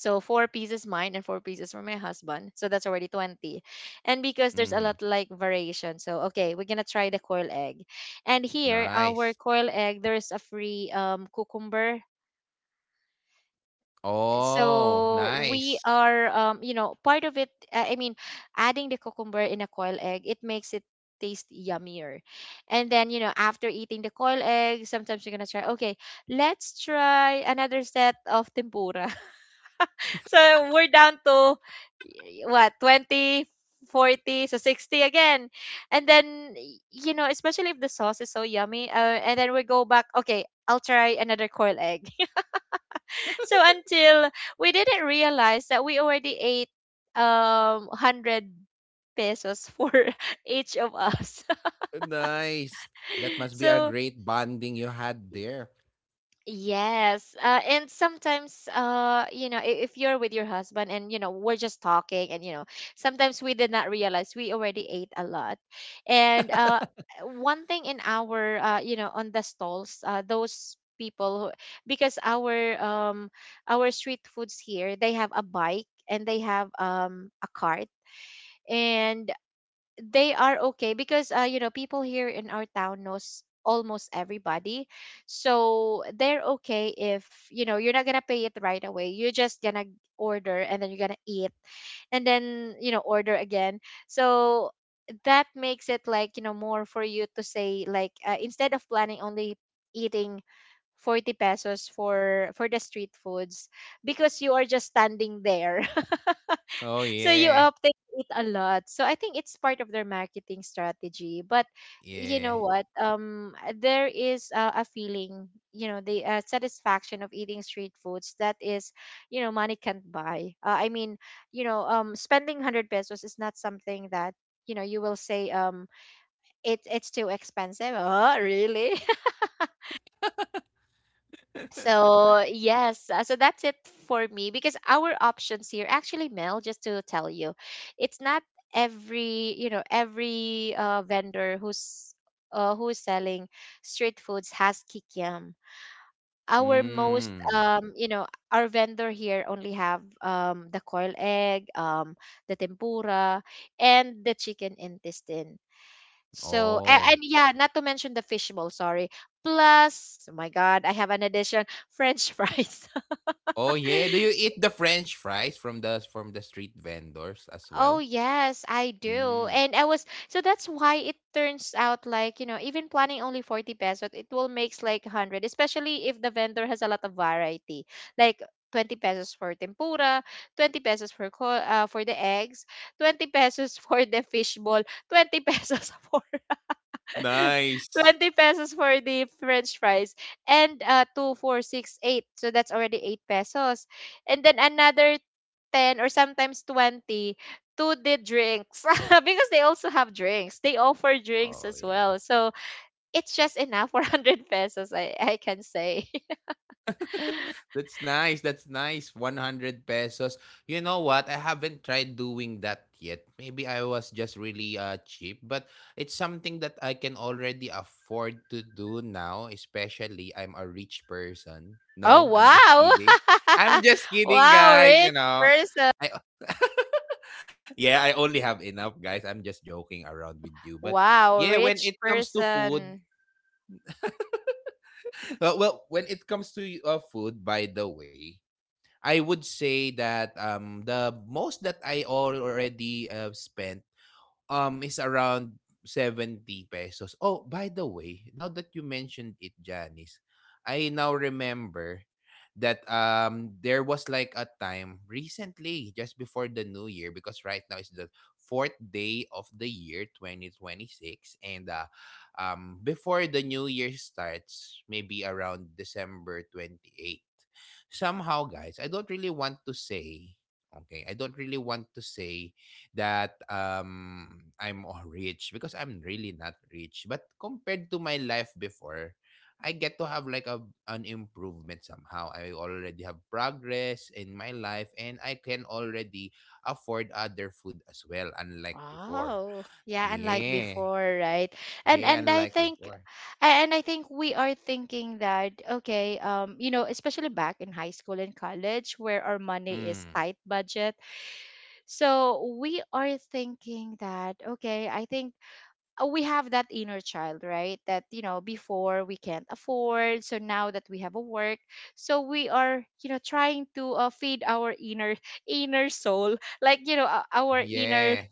[SPEAKER 1] So 4 pieces mine and 4 pieces for my husband. So that's already 20. And because there's a lot
[SPEAKER 2] Hmm.
[SPEAKER 1] like variation. So okay, we're gonna try the coil egg. And here our
[SPEAKER 2] Nice.
[SPEAKER 1] coil egg, there's a free cucumber.
[SPEAKER 2] Oh,
[SPEAKER 1] So we
[SPEAKER 2] nice.
[SPEAKER 1] are you know, part of it I mean, adding the cucumber in a coil egg, it makes it taste yummier. And then, you know, after eating the coil egg, sometimes you're gonna try, okay, let's try another set of tempura. So we're down to what, 20, 40, so 60 again. And then you know, especially if the sauce is so yummy, and then we go back, okay, I'll try another coil egg. [laughs] So until we didn't realize that we already ate 100 pesos for [laughs] each of us.
[SPEAKER 2] Nice. That
[SPEAKER 1] [laughs]
[SPEAKER 2] must be a
[SPEAKER 1] So
[SPEAKER 2] great bonding you had there.
[SPEAKER 1] yes. And sometimes, you know, if you're with your husband and, you know, we're just talking and, you know, sometimes we did not realize we already ate a lot. And one thing in our, you know, on the stalls, those people who, because um our street foods here, they have a bike, and they have a cart. And they are okay because, you know, people here in our town knows almost everybody, so they're okay if, you know, you're not gonna pay it right away. You're just gonna order, and then you're gonna eat, and then, you know, order again. So that makes it, like, you know, more for you to say, like, instead of planning only eating 40 pesos for the street foods, because you are just standing there,
[SPEAKER 2] Oh,
[SPEAKER 1] so you
[SPEAKER 2] yeah.
[SPEAKER 1] update it a lot. So I think it's part of their marketing strategy. But you
[SPEAKER 2] Yeah.
[SPEAKER 1] know what? There is a feeling, you know, the satisfaction of eating street foods that is, you know, money can't buy. I mean, you know, spending 100 pesos is not something that, you know, you will say, it's too expensive. [laughs] Oh really. So yes, so that's it for me, because our options here, actually, Mel, just to tell you, it's not every, you know, every, vendor who's who's selling street foods has kikiam. Our most,
[SPEAKER 2] Mm.
[SPEAKER 1] um, you know, our vendor here only have the coil egg, the tempura, and the chicken intestine. So
[SPEAKER 2] Oh.
[SPEAKER 1] and yeah, not to mention the fish bowl. Sorry. Plus, oh my God, I have an addition. [laughs] French fries.
[SPEAKER 2] Oh, yeah. Do you eat the French fries from the street vendors as
[SPEAKER 1] Oh
[SPEAKER 2] well?
[SPEAKER 1] yes, I do.
[SPEAKER 2] Mm.
[SPEAKER 1] And I was, so that's why it turns out, like, you know, even planning only 40 pesos, it will makes like 100, especially if the vendor has a lot of variety. Like 20 pesos for tempura, 20 pesos for for the eggs, 20 pesos [laughs] for the fish ball, 20 pesos [laughs] for [laughs]
[SPEAKER 2] Nice.
[SPEAKER 1] 20 pesos for the french fries, and 2, four, six, eight. So that's already 8 pesos. And then another 10 or sometimes 20 to the drinks [laughs] because they also have drinks. They offer drinks
[SPEAKER 2] Oh,
[SPEAKER 1] as
[SPEAKER 2] yeah.
[SPEAKER 1] well. So it's just enough for [laughs] 100 pesos, I can say. [laughs]
[SPEAKER 2] That's nice. That's nice. 100 pesos. You know what? I haven't tried doing that yet. Maybe I was just really cheap, but it's something that I can already afford to do now, especially I'm a rich person.
[SPEAKER 1] Oh,
[SPEAKER 2] No, I'm just kidding.
[SPEAKER 1] wow.
[SPEAKER 2] I'm just
[SPEAKER 1] [laughs]
[SPEAKER 2] kidding,
[SPEAKER 1] Wow,
[SPEAKER 2] guys,
[SPEAKER 1] rich
[SPEAKER 2] you know.
[SPEAKER 1] person.
[SPEAKER 2] I [laughs] yeah, I only have enough, guys. I'm just joking around with you. But
[SPEAKER 1] Wow,
[SPEAKER 2] yeah, when
[SPEAKER 1] rich
[SPEAKER 2] it comes to food,
[SPEAKER 1] person.
[SPEAKER 2] [laughs] when it comes to food, by the way, I would say that the most that I already spent is around 70 pesos. Oh, by the way, now that you mentioned it, Janice, I now remember that there was like a time recently just before the new year, because right now is the fourth day of the year 2026, and before the new year starts, maybe around December 28, somehow, guys, I don't really want to say, okay, I don't really want to say that I'm rich because I'm really not rich. But compared to my life before, I get to have like a an improvement somehow. I already have progress in my life, and I can already afford other food as well, unlike before.
[SPEAKER 1] Wow. Yeah, unlike
[SPEAKER 2] Yeah.
[SPEAKER 1] before, right? And
[SPEAKER 2] Yeah,
[SPEAKER 1] I
[SPEAKER 2] unlike
[SPEAKER 1] think
[SPEAKER 2] before.
[SPEAKER 1] and I think we are thinking that, okay, you know, especially back in high school and college, where our money is
[SPEAKER 2] Mm.
[SPEAKER 1] tight budget. So we are thinking that, okay, I think, we have that inner child, right? That, you know, before we can't afford. So now that we have a work, so we are, you know, trying to, feed our inner, [laughs] inner soul, like, you know, our inner,
[SPEAKER 2] Yeah.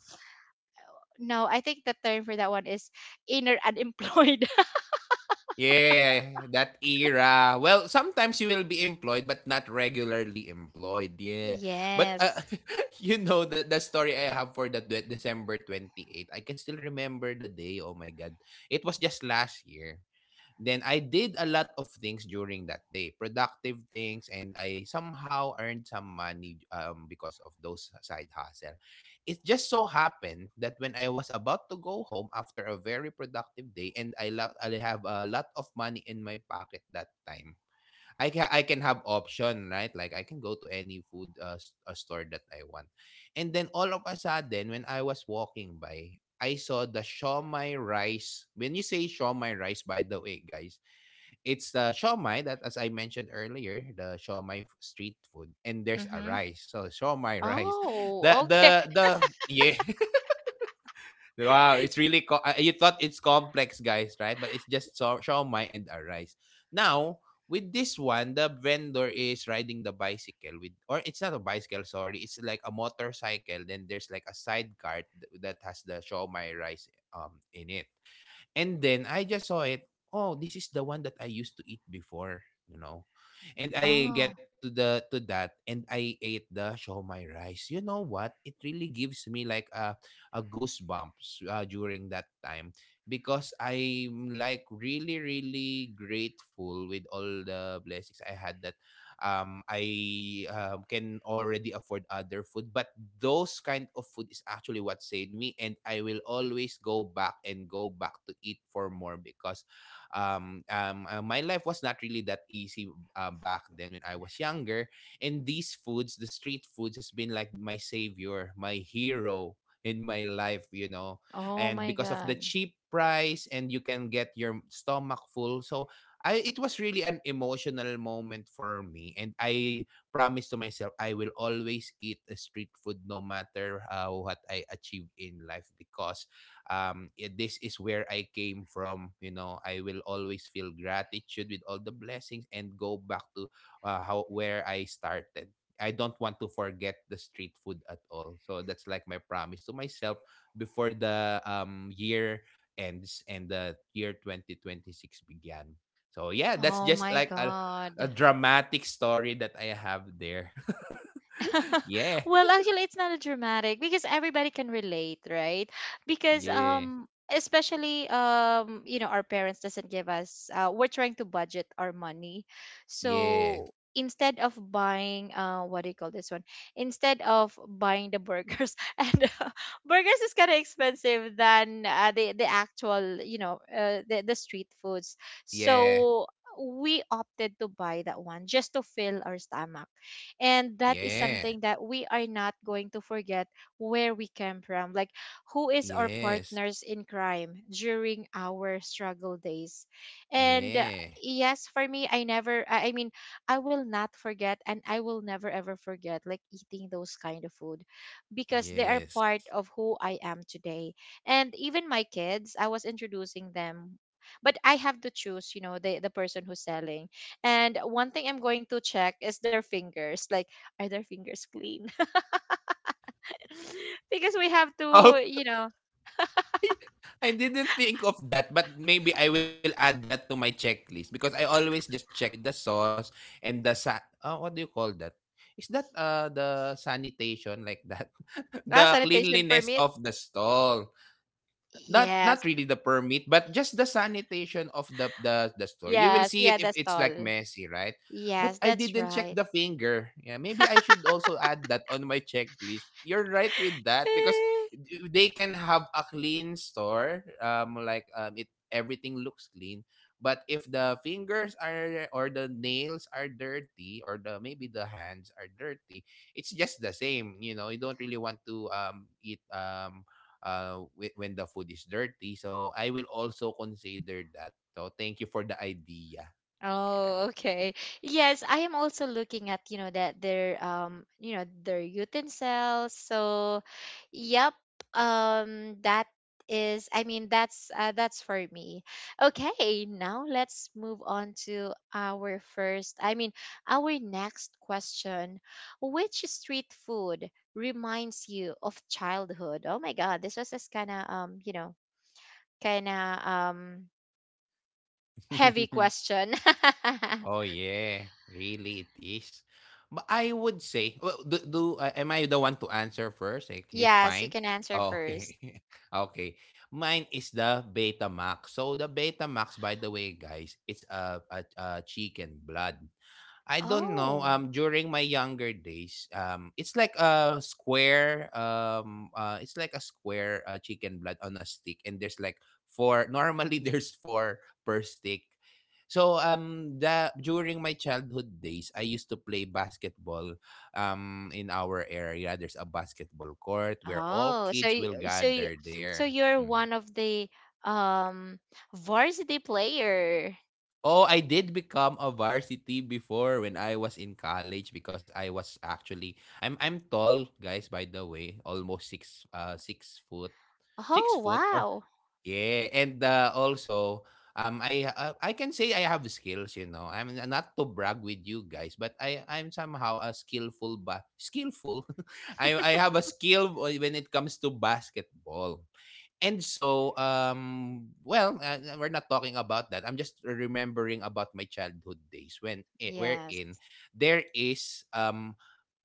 [SPEAKER 1] no, I think the term for that one is inner unemployed. [laughs]
[SPEAKER 2] Yeah, that era. Well, sometimes you will be employed but not regularly employed. Yeah. But
[SPEAKER 1] Yes.
[SPEAKER 2] [laughs] You know that the story I have for the December 28, I can still remember the day. Oh my god. It was just last year. Then I did a lot of things during that day, productive things, and I somehow earned some money because of those side hustle. It just so happened that when I was about to go home after a very productive day, and I have a lot of money in my pocket that time, I can have option, right, like I can go to any food store that I want, and then all of a sudden when I was walking by, I saw the shawmai rice. When you say shawmai rice, by the way, guys, it's the shawmai that, as I mentioned earlier, the street food, and there's a
[SPEAKER 1] Mm-hmm.
[SPEAKER 2] rice. So shawmai rice. [laughs] The
[SPEAKER 1] Oh,
[SPEAKER 2] the
[SPEAKER 1] okay.
[SPEAKER 2] the yeah. [laughs] Wow, it's really you thought it's complex, guys, right? But it's just shawmai and a rice. Now with this one, the vendor is riding the bicycle with, or it's not a bicycle, sorry, it's like a motorcycle. Then there's like a side cart that has the shawmai rice in it. And then I just saw it. Oh, this is the one that I used to eat before, you know. And I
[SPEAKER 1] Oh,
[SPEAKER 2] get to the to that and I ate the shomai rice. You know what? It really gives me like a goosebumps during that time because I'm like really grateful with all the blessings I had that I can already afford other food, but those kind of food is actually what saved me, and I will always go back and go back to eat for more because my life was not really that easy back then when I was younger, and these foods, the street foods, has been like my savior, my hero in my life, you know.
[SPEAKER 1] oh
[SPEAKER 2] And
[SPEAKER 1] my
[SPEAKER 2] because of the
[SPEAKER 1] God.
[SPEAKER 2] cheap price, and you can get your stomach full, so I it was really an emotional moment for me, and I promised to myself I will always eat a street food no matter what I achieve in life because this is where I came from, you know. I will always feel gratitude with all the blessings and go back to how where I started. I don't want to forget the street food at all, so that's like my promise to myself before the year ends and the year 2026 began. So yeah, that's
[SPEAKER 1] Oh
[SPEAKER 2] just
[SPEAKER 1] my
[SPEAKER 2] like
[SPEAKER 1] God.
[SPEAKER 2] a dramatic story that I have there. [laughs]
[SPEAKER 1] [laughs]
[SPEAKER 2] Yeah.
[SPEAKER 1] Well, actually, it's not a dramatic, because everybody can relate, right? Because,
[SPEAKER 2] Yeah.
[SPEAKER 1] especially, you know, our parents doesn't give us. We're trying to budget our money,
[SPEAKER 2] Yeah.
[SPEAKER 1] so instead of buying, uh, what do you call this one, instead of buying the burgers [laughs] and burgers is kind of expensive than, the actual, you know, the street foods,
[SPEAKER 2] Yeah.
[SPEAKER 1] so we opted to buy that one just to fill our stomach. And that is
[SPEAKER 2] Yeah.
[SPEAKER 1] something that we are not going to forget, where we came from, like, who is our
[SPEAKER 2] Yes.
[SPEAKER 1] partners in crime during our struggle days. And
[SPEAKER 2] Yeah.
[SPEAKER 1] yes, for me, I mean, I will not forget, and I will never ever forget, like, eating those kind of food, because they are
[SPEAKER 2] Yes.
[SPEAKER 1] part of who I am today. And even my kids, I was introducing them, but I have to choose, you know, the person who's selling. And one thing I'm going to check is their fingers. Like, are their fingers clean? [laughs] Because we have
[SPEAKER 2] Oh,
[SPEAKER 1] to, you know,
[SPEAKER 2] [laughs] I didn't think of that, but maybe I will add that to my checklist because I always just check with the sauce and the what do you call that? Is that the sanitation like that? [laughs]
[SPEAKER 1] ah,
[SPEAKER 2] The
[SPEAKER 1] sanitation
[SPEAKER 2] cleanliness
[SPEAKER 1] permit.
[SPEAKER 2] of the stall. Not not
[SPEAKER 1] Yes,
[SPEAKER 2] really the permit, but just the sanitation of the the store. You will
[SPEAKER 1] yes,
[SPEAKER 2] see it
[SPEAKER 1] yeah,
[SPEAKER 2] if
[SPEAKER 1] that's
[SPEAKER 2] it's like
[SPEAKER 1] all.
[SPEAKER 2] messy, right? But
[SPEAKER 1] Yes,
[SPEAKER 2] I
[SPEAKER 1] that's
[SPEAKER 2] didn't check
[SPEAKER 1] right.
[SPEAKER 2] the finger. Yeah, maybe I should also add that on my checklist. You're right with that because
[SPEAKER 1] [laughs]
[SPEAKER 2] they can have a clean store, like, it everything looks clean, but if the fingers are, or the nails are dirty, or the maybe the hands are dirty, it's just the same, you know. You don't really want to eat when the food is dirty. So I will also consider that. So thank you for the idea.
[SPEAKER 1] Oh, okay. Yes, I am also looking at, you know, that their, you know, their utensils. So, yep. That is, I mean, that's for me. Okay, now let's move on to our first, I mean, our next question. Which street food reminds you of childhood? Oh my God, this was this kind of, you know, kind of,
[SPEAKER 2] Yeah.
[SPEAKER 1] heavy
[SPEAKER 2] [laughs]
[SPEAKER 1] question.
[SPEAKER 2] Oh
[SPEAKER 1] [laughs]
[SPEAKER 2] yeah, really it is. But I would say, well, do, do am I the one to answer first? Like, it's
[SPEAKER 1] Yes, you
[SPEAKER 2] fine.
[SPEAKER 1] can answer
[SPEAKER 2] Oh,
[SPEAKER 1] first.
[SPEAKER 2] okay. [laughs] Okay. Mine is the Betamax. So the Betamax, by the way, guys, it's a chicken blood. I don't know.
[SPEAKER 1] Oh,
[SPEAKER 2] During my younger days, it's like a square. It's like a square chicken blood on a stick, and there's like four. Normally, [laughs] there's four per stick. So the during my childhood days, I used to play basketball. In our area, there's a basketball court where all kids will
[SPEAKER 1] so you,
[SPEAKER 2] gather
[SPEAKER 1] so
[SPEAKER 2] there.
[SPEAKER 1] you're
[SPEAKER 2] Hmm.
[SPEAKER 1] one of the um varsity player.
[SPEAKER 2] Oh, I did become a varsity before when I was in college because I was actually I'm tall, guys, by the way, almost 6 foot. Six
[SPEAKER 1] Oh,
[SPEAKER 2] foot or
[SPEAKER 1] wow.
[SPEAKER 2] yeah, and also I can say I have skills, you know. I'm not to brag with you guys, but I I'm somehow a skillful ba skillful. [laughs] I have a skill when it comes to basketball. And so, we're not talking about that. I'm just remembering about my childhood days when
[SPEAKER 1] Yes.
[SPEAKER 2] wherein there is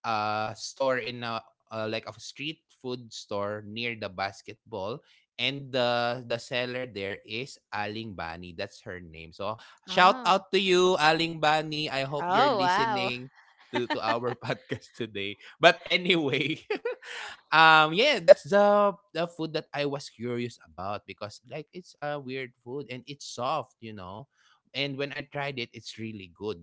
[SPEAKER 2] a store in a like a street food store near the basketball, and the seller there is Aling Bani. That's her name. So shout
[SPEAKER 1] Oh.
[SPEAKER 2] out to you, Aling Bani. I hope you're
[SPEAKER 1] Oh, wow.
[SPEAKER 2] listening to our [laughs] podcast today. But anyway. [laughs] Yeah, that's the food that I was curious about because like it's a weird food and it's soft, you know. And when I tried it, it's really good.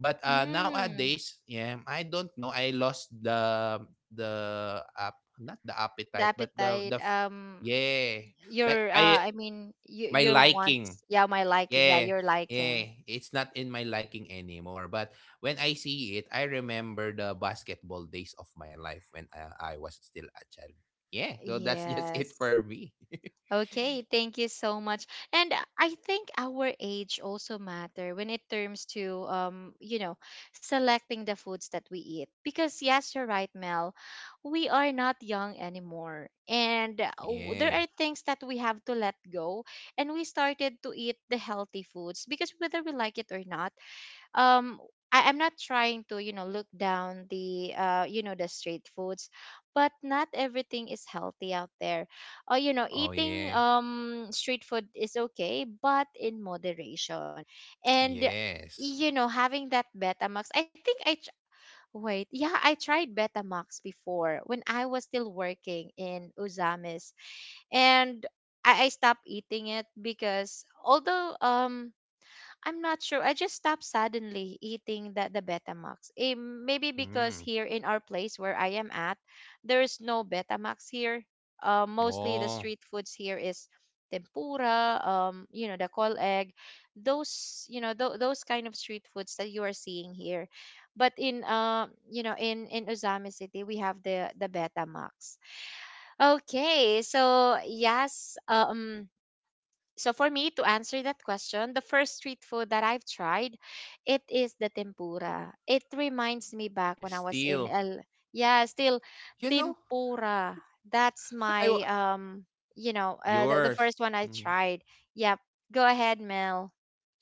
[SPEAKER 2] But
[SPEAKER 1] Hmm.
[SPEAKER 2] nowadays, yeah, I don't know, I lost the app not the
[SPEAKER 1] The
[SPEAKER 2] appetite but
[SPEAKER 1] appetite.
[SPEAKER 2] yeah. like
[SPEAKER 1] Your
[SPEAKER 2] I
[SPEAKER 1] I mean, you,
[SPEAKER 2] my
[SPEAKER 1] your
[SPEAKER 2] liking.
[SPEAKER 1] wants. Yeah, my liking. Yeah,
[SPEAKER 2] Yeah,
[SPEAKER 1] your liking.
[SPEAKER 2] yeah, it's not in my liking anymore. But when I see it, I remember the basketball days of my life when I was still a child. Yeah, so that's [laughs] just it
[SPEAKER 1] Yes.
[SPEAKER 2] for me. [laughs]
[SPEAKER 1] Okay, thank you so much. And I think our age also matter when it terms to, you know, selecting the foods that we eat. Because yes, you're right, Mel. We are not young anymore. And w- there
[SPEAKER 2] Yeah.
[SPEAKER 1] are things that we have to let go. And we started to eat the healthy foods because, whether we like it or not, um I, I'm not trying to, you know, look down the, you know, the street foods, but not everything is healthy out there. You know,
[SPEAKER 2] Oh
[SPEAKER 1] eating
[SPEAKER 2] yeah.
[SPEAKER 1] street food is okay, but in moderation. And
[SPEAKER 2] Yes.
[SPEAKER 1] you know, having that Betamax, I think wait, yeah, I tried Betamax before when I was still working in Uzamis, and I stopped eating it because, although, um, I'm not sure. I just stopped suddenly eating the Betamax. Eh, maybe because
[SPEAKER 2] Hmm.
[SPEAKER 1] here in our place where I am at, there is no Betamax here. Mostly the
[SPEAKER 2] Oh,
[SPEAKER 1] street foods here is tempura, you know, the kol egg, those, you know, those kind of street foods that you are seeing here. But in, you know, in Uzami City, we have the Betamax. Okay, so yes, so for me to answer that question, the first street food that I've tried, it is the tempura. It reminds me back when I was in
[SPEAKER 2] still.
[SPEAKER 1] L yeah, still
[SPEAKER 2] You know,
[SPEAKER 1] tempura. That's my
[SPEAKER 2] I wa-
[SPEAKER 1] you know, the
[SPEAKER 2] yours.
[SPEAKER 1] first one I
[SPEAKER 2] Mm.
[SPEAKER 1] tried. Yep. Go ahead, Mel.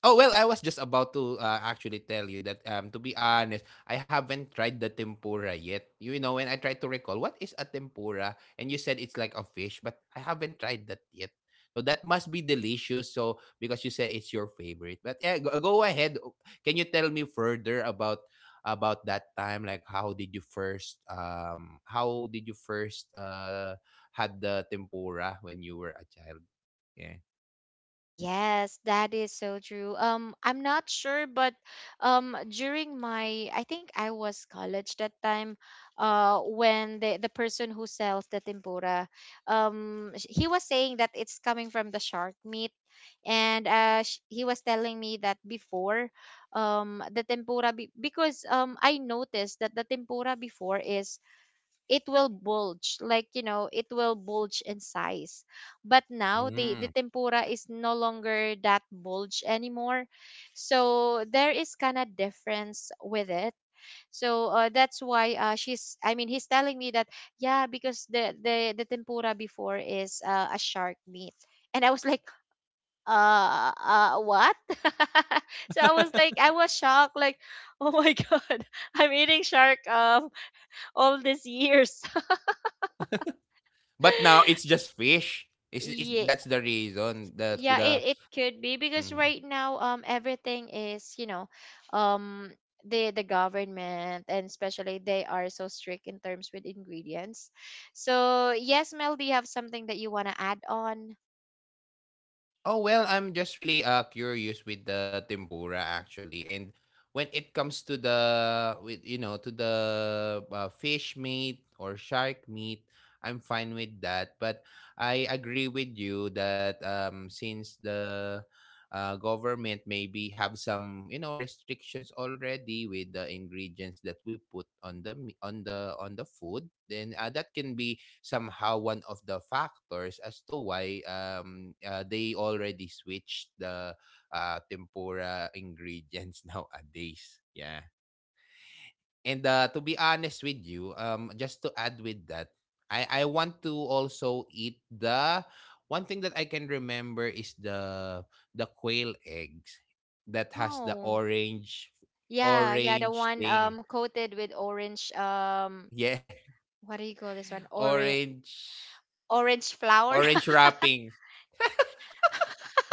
[SPEAKER 2] Oh well, I was just about to actually tell you that to be honest, I haven't tried the tempura yet. You know, when I tried to recall what is a tempura, and you said it's like a fish, but I haven't tried that yet. So that must be delicious. So because you said it's your favorite. But yeah, go ahead. Can you tell me further about that time, like how did you first had the tempura when you were a child? Yeah.
[SPEAKER 1] Yes, that is so true. I'm not sure, but during my, I think I was college that time, when the person who sells the tempura, he was saying that it's coming from the shark meat, and he was telling me that before, the tempura be- because I noticed that the tempura before is it will bulge, like, you know, it will bulge in size, but now the
[SPEAKER 2] Mm.
[SPEAKER 1] tempura is no longer that bulge anymore, so there is kind of difference with it. So that's why she's I mean he's telling me that yeah, because the tempura before is a shark meat. And I was like, what? [laughs] So I was like, I was shocked, like, oh my [laughs] god, I'm eating shark all these years.
[SPEAKER 2] But now it's just fish. Is
[SPEAKER 1] [laughs]
[SPEAKER 2] that's the reason
[SPEAKER 1] Yeah,
[SPEAKER 2] that
[SPEAKER 1] it
[SPEAKER 2] the
[SPEAKER 1] could be because
[SPEAKER 2] mm.
[SPEAKER 1] right now everything is, you know, um the government and especially they are so strict in terms with ingredients. So yes, Mel, do you have something that you want to add on?
[SPEAKER 2] Oh well, I'm just really curious with the tempura actually, and when it comes to the with you know to the fish meat or shark meat, I'm fine with that. But I agree with you that since the government maybe have some, you know, restrictions already with the ingredients that we put on on the food, then that can be somehow one of the factors as to why they already switched the tempura ingredients [laughs] nowadays. Yeah. And to be honest with you, just to add with that, I want to also eat the one thing that I can remember is the quail eggs that has the
[SPEAKER 1] Oh, yeah, yeah, the
[SPEAKER 2] orange
[SPEAKER 1] one
[SPEAKER 2] thing.
[SPEAKER 1] coated with orange
[SPEAKER 2] Yeah,
[SPEAKER 1] what do you call this one,
[SPEAKER 2] [laughs]
[SPEAKER 1] orange,
[SPEAKER 2] orange
[SPEAKER 1] orange flower.
[SPEAKER 2] orange wrapping.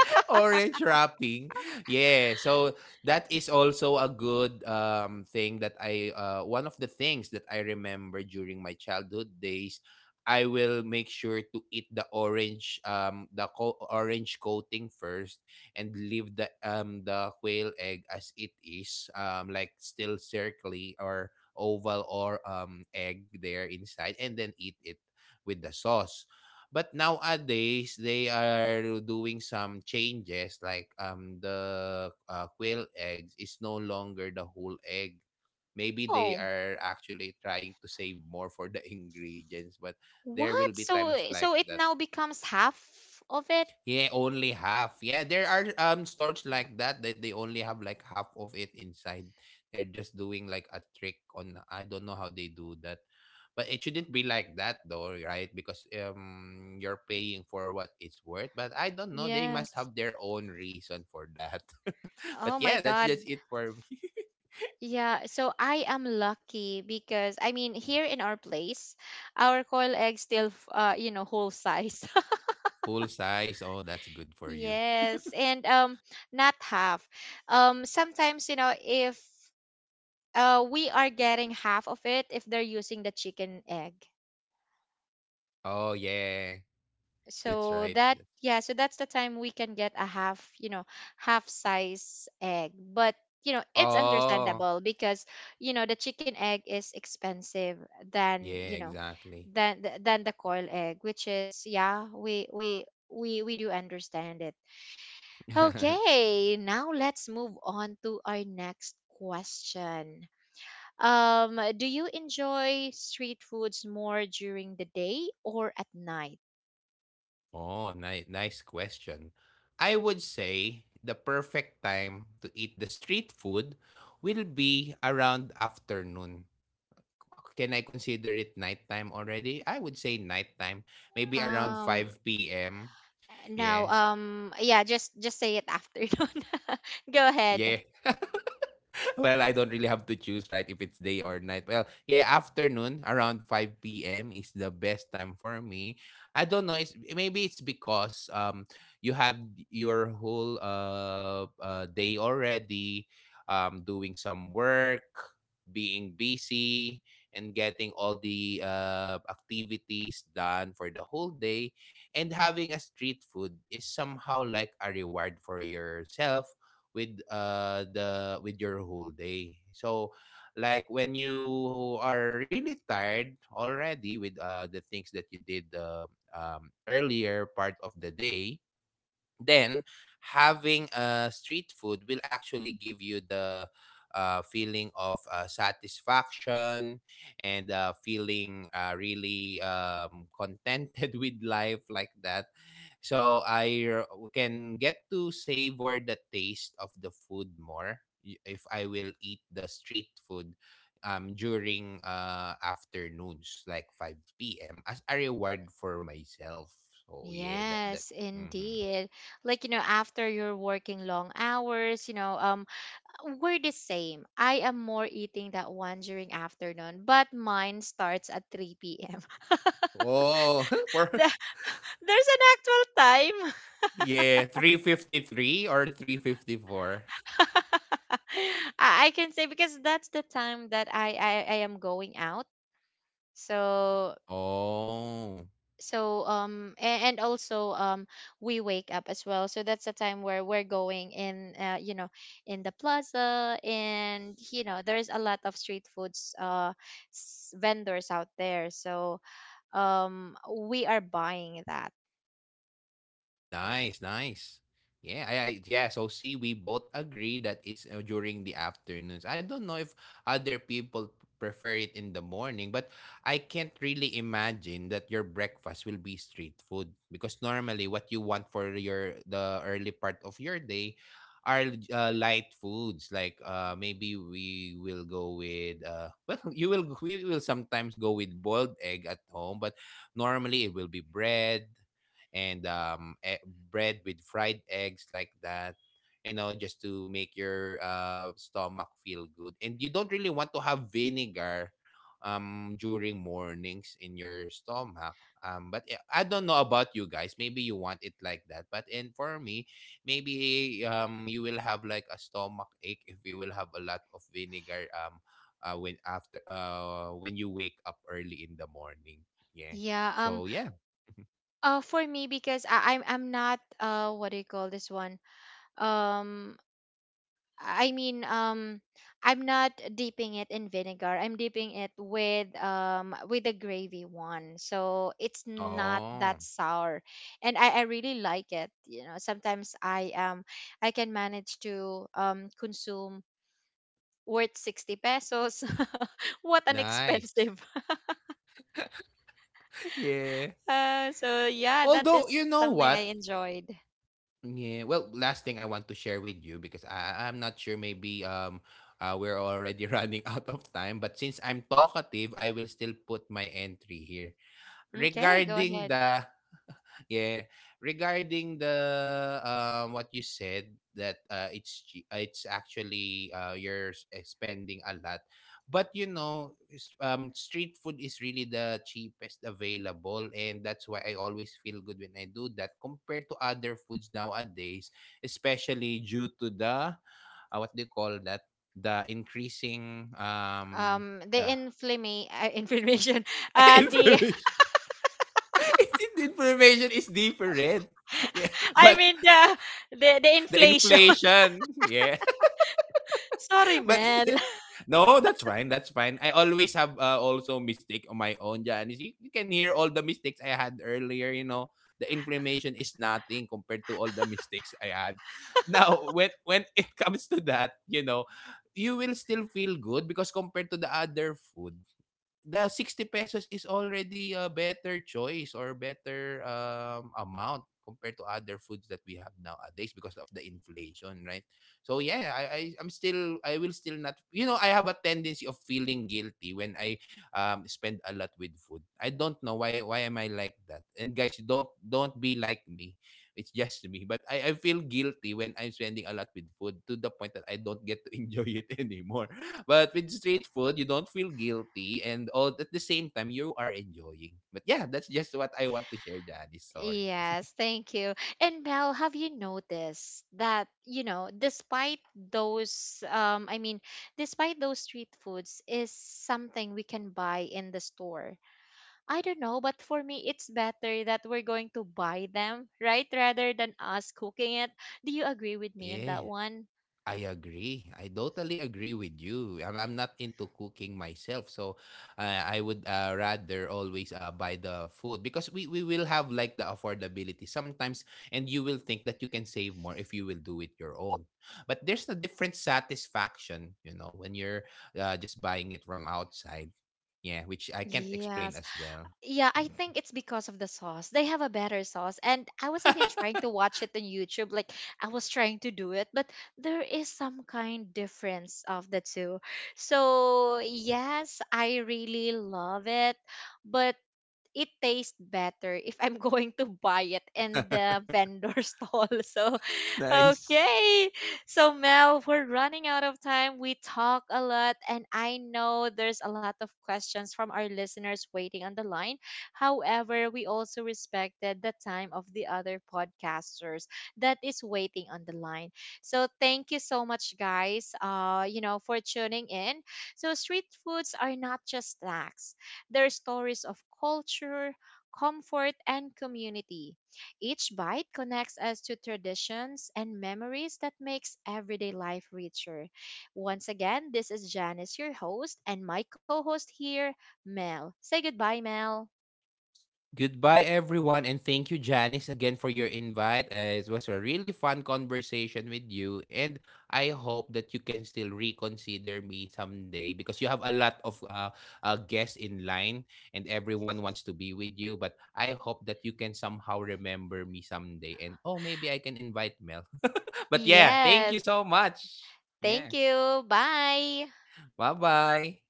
[SPEAKER 2] [laughs] Orange wrapping. Yeah, so that is also a good thing that I one of the things that I remember during my childhood days, I will make sure to eat the orange orange coating first and leave the quail egg as it is, like still circly or oval or egg there inside, and then eat it with the sauce. But nowadays, they are doing some changes, like the quail eggs is no longer the whole egg.
[SPEAKER 1] [laughs]
[SPEAKER 2] Maybe they
[SPEAKER 1] Oh,
[SPEAKER 2] are actually trying to save more for the [laughs] ingredients, but there will
[SPEAKER 1] what?
[SPEAKER 2] be times
[SPEAKER 1] So
[SPEAKER 2] like
[SPEAKER 1] so it
[SPEAKER 2] that.
[SPEAKER 1] now becomes half of it.
[SPEAKER 2] Yeah, only half. Yeah, there are stores like that that they only have like half of it inside. They're just doing like a trick on, I don't know how they do that. But it shouldn't be like that though, right? Because you're paying for what it's worth. But I don't know, they must
[SPEAKER 1] Yes.
[SPEAKER 2] have their own reason for that. [laughs] But
[SPEAKER 1] Oh my
[SPEAKER 2] yeah, that's
[SPEAKER 1] God.
[SPEAKER 2] just it for me.
[SPEAKER 1] Yeah, so I am lucky because I mean here in our place, our coil egg still uh, you know, whole size. [laughs]
[SPEAKER 2] [laughs] Full size. Oh, that's good for you.
[SPEAKER 1] Yes, and not half. Sometimes, you know, if we are getting half of it if they're using the chicken egg.
[SPEAKER 2] Oh yeah. That's
[SPEAKER 1] So
[SPEAKER 2] right.
[SPEAKER 1] that,
[SPEAKER 2] That's-
[SPEAKER 1] yeah, so that's the time we can get a half, you know, half size egg. But you know, it's
[SPEAKER 2] Oh,
[SPEAKER 1] understandable because, you know, the chicken egg is expensive than,
[SPEAKER 2] yeah,
[SPEAKER 1] you know,
[SPEAKER 2] exactly.
[SPEAKER 1] than the coil egg. Which is, yeah, we do understand it.
[SPEAKER 2] [laughs]
[SPEAKER 1] Okay, now let's move on to our next question. Do you enjoy street foods more during the day or at night?
[SPEAKER 2] Oh, nice question. I would say the perfect time to eat the street food will be around afternoon. Can I consider it nighttime already? I would say nighttime, maybe around
[SPEAKER 1] um
[SPEAKER 2] 5 p.m.
[SPEAKER 1] No,
[SPEAKER 2] Yeah.
[SPEAKER 1] yeah, just say it after. [laughs] Donna. Go ahead.
[SPEAKER 2] Yeah. [laughs] [laughs] Well, I don't really have to choose, right? If it's day or night. Well, yeah, afternoon around 5 p.m. is the best time for me. I don't know. It's maybe it's because you have your whole day already, doing some work, being busy, and getting all the activities done for the whole day, and having a street food is somehow like a reward for yourself with the with your whole day. So when you are really tired already with the things that you did earlier part of the day, then having a street food will actually give you the feeling of satisfaction and feeling really contented [laughs] with life like that. so i r- can get to savor the taste of the food more if I will eat the street food during afternoons like 5 p.m as a reward for myself. So yeah, that.
[SPEAKER 1] Yes,
[SPEAKER 2] Mhm.
[SPEAKER 1] indeed. Like, you know, after you're working long hours, you know, we're the same. I am more eating that one during afternoon, but mine starts at 3 p.m. [laughs]
[SPEAKER 2] Oh, [laughs] for
[SPEAKER 1] There- There's an actual time.
[SPEAKER 2] yeah, 353 or 354.
[SPEAKER 1] [laughs] I can say because that's the time that I am going out. So
[SPEAKER 2] Oh.
[SPEAKER 1] so and also we wake up as well, so that's the time where we're going in, you know, in the plaza. And you know, there's a lot of street foods, vendors out there. So we are buying that.
[SPEAKER 2] Nice, nice. Yeah, I yeah. So see, we both agree that it's during the afternoons. I don't know if other people prefer it in the morning, but I can't really imagine that your breakfast will be street food, because normally what you want for your the early part of your day are light foods like maybe we will go with [laughs] well, you will we will sometimes go with boiled egg at home, but normally it will be bread and bread with fried eggs like that, you know, just to make your stomach feel good, and you don't really want to have vinegar during mornings in your stomach. I don't know about you guys, maybe you want it like that, but and for me maybe you will have like a stomach ache if you will have a lot of vinegar when after when you wake up early in the morning, yeah.
[SPEAKER 1] Yeah.
[SPEAKER 2] So yeah.
[SPEAKER 1] For me, because I'm not, uh, what do you call this one, um I mean, I'm not dipping it in vinegar. I'm dipping it with the gravy one, so it's not
[SPEAKER 2] Oh.
[SPEAKER 1] that sour, and I really like it. You know, sometimes I can manage to consume worth 60 pesos. [laughs] What an
[SPEAKER 2] Nice.
[SPEAKER 1] expensive! [laughs]
[SPEAKER 2] Yeah.
[SPEAKER 1] So yeah, that
[SPEAKER 2] Although,
[SPEAKER 1] is
[SPEAKER 2] you know
[SPEAKER 1] something
[SPEAKER 2] what?
[SPEAKER 1] I enjoyed.
[SPEAKER 2] Yeah. Well, last thing I want to share with you, because I'm not sure, maybe we're already [laughs] running out of time, but since I'm talkative, I will still put my entry here.
[SPEAKER 1] Okay, go
[SPEAKER 2] Regarding
[SPEAKER 1] ahead.
[SPEAKER 2] the, yeah, regarding the, what you said that it's actually you're spending a lot, but you know street food is really the cheapest available, and that's why I always feel good when I do that compared to other foods nowadays, especially due to the what do you call that, the increasing
[SPEAKER 1] The
[SPEAKER 2] uh,
[SPEAKER 1] inflammation, [laughs] inflammation,
[SPEAKER 2] [laughs]
[SPEAKER 1] the
[SPEAKER 2] information. [laughs] Information is different. [laughs] Yeah,
[SPEAKER 1] I
[SPEAKER 2] but
[SPEAKER 1] mean the the
[SPEAKER 2] the
[SPEAKER 1] inflation. [laughs]
[SPEAKER 2] inflation. Yeah.
[SPEAKER 1] Sorry,
[SPEAKER 2] [laughs] But
[SPEAKER 1] Mel.
[SPEAKER 2] yeah. No, that's fine. That's fine. I always have also mistake on my own, Janice. You can hear all the mistakes I had earlier, you know. The inflammation is nothing compared to all the mistakes I had. [laughs] Now, when it comes to that, you know, you will still feel good because compared to the other food, the 60 pesos is already a better choice or better amount compared to other foods that we have nowadays because of the inflation, right? So yeah, I will still not, you know, I have a tendency of feeling guilty when I spend a lot with food. I don't know why am I like that. And guys, don't be like me. It's just me. But I feel guilty when I'm spending a lot with food to the point that I don't get to enjoy it [laughs] anymore. But with street food, you don't feel guilty, and all at the same time you are enjoying. But yeah, that's just what I want to share, Janice. Sorry.
[SPEAKER 1] Yes, thank you. And Mel, have you noticed that, you know, despite those, I mean, despite those, street foods is something we can buy in the store. I don't know, but for me, it's better that we're going to buy them, right? Rather than us cooking it. Do you agree with me on that
[SPEAKER 2] Yeah.
[SPEAKER 1] one?
[SPEAKER 2] I agree. I totally agree with you. I'm not into cooking myself, so I would rather always buy the food, because we will have like the affordability sometimes, and you will think that you can save more if you will do it your own. But there's a different satisfaction, you know, when you're just buying it from outside. Yeah, which I can't explain
[SPEAKER 1] Yes.
[SPEAKER 2] as well.
[SPEAKER 1] Yeah, I
[SPEAKER 2] Mm.
[SPEAKER 1] think it's because of the sauce. They have a better sauce. And I was even trying to watch it on YouTube. Like, I was trying to do it, but there is some kind difference of the two. So yes, I really love it. But it tastes better if I'm [laughs] going to buy it in the vendor [laughs] stall. So,
[SPEAKER 2] [laughs] Nice.
[SPEAKER 1] okay. So, Mel, we're running out of time. We talk a lot, and I know there's a lot of questions from our listeners waiting on the line. However, we also respected the time of the other podcasters that is waiting on the line. So, thank you so much, guys, you know, for tuning in. So, street foods are not just snacks, their stories of culture, comfort, and community. Each bite connects us to traditions and memories that makes everyday life richer. Once again, this is Janice, your host, and my co-host here, Mel. Say goodbye, Mel.
[SPEAKER 2] Goodbye, everyone, and thank you, Janice, again for your invite. It was a really fun conversation with you, and I hope that you can still reconsider me someday, because you have a lot of guests in line, and everyone wants to be with you. But I hope that you can somehow remember me someday, and oh, maybe I can invite Mel. [laughs] But yeah, thank
[SPEAKER 1] Yes,
[SPEAKER 2] you so much.
[SPEAKER 1] thank
[SPEAKER 2] Yeah,
[SPEAKER 1] you. Bye.
[SPEAKER 2] bye bye.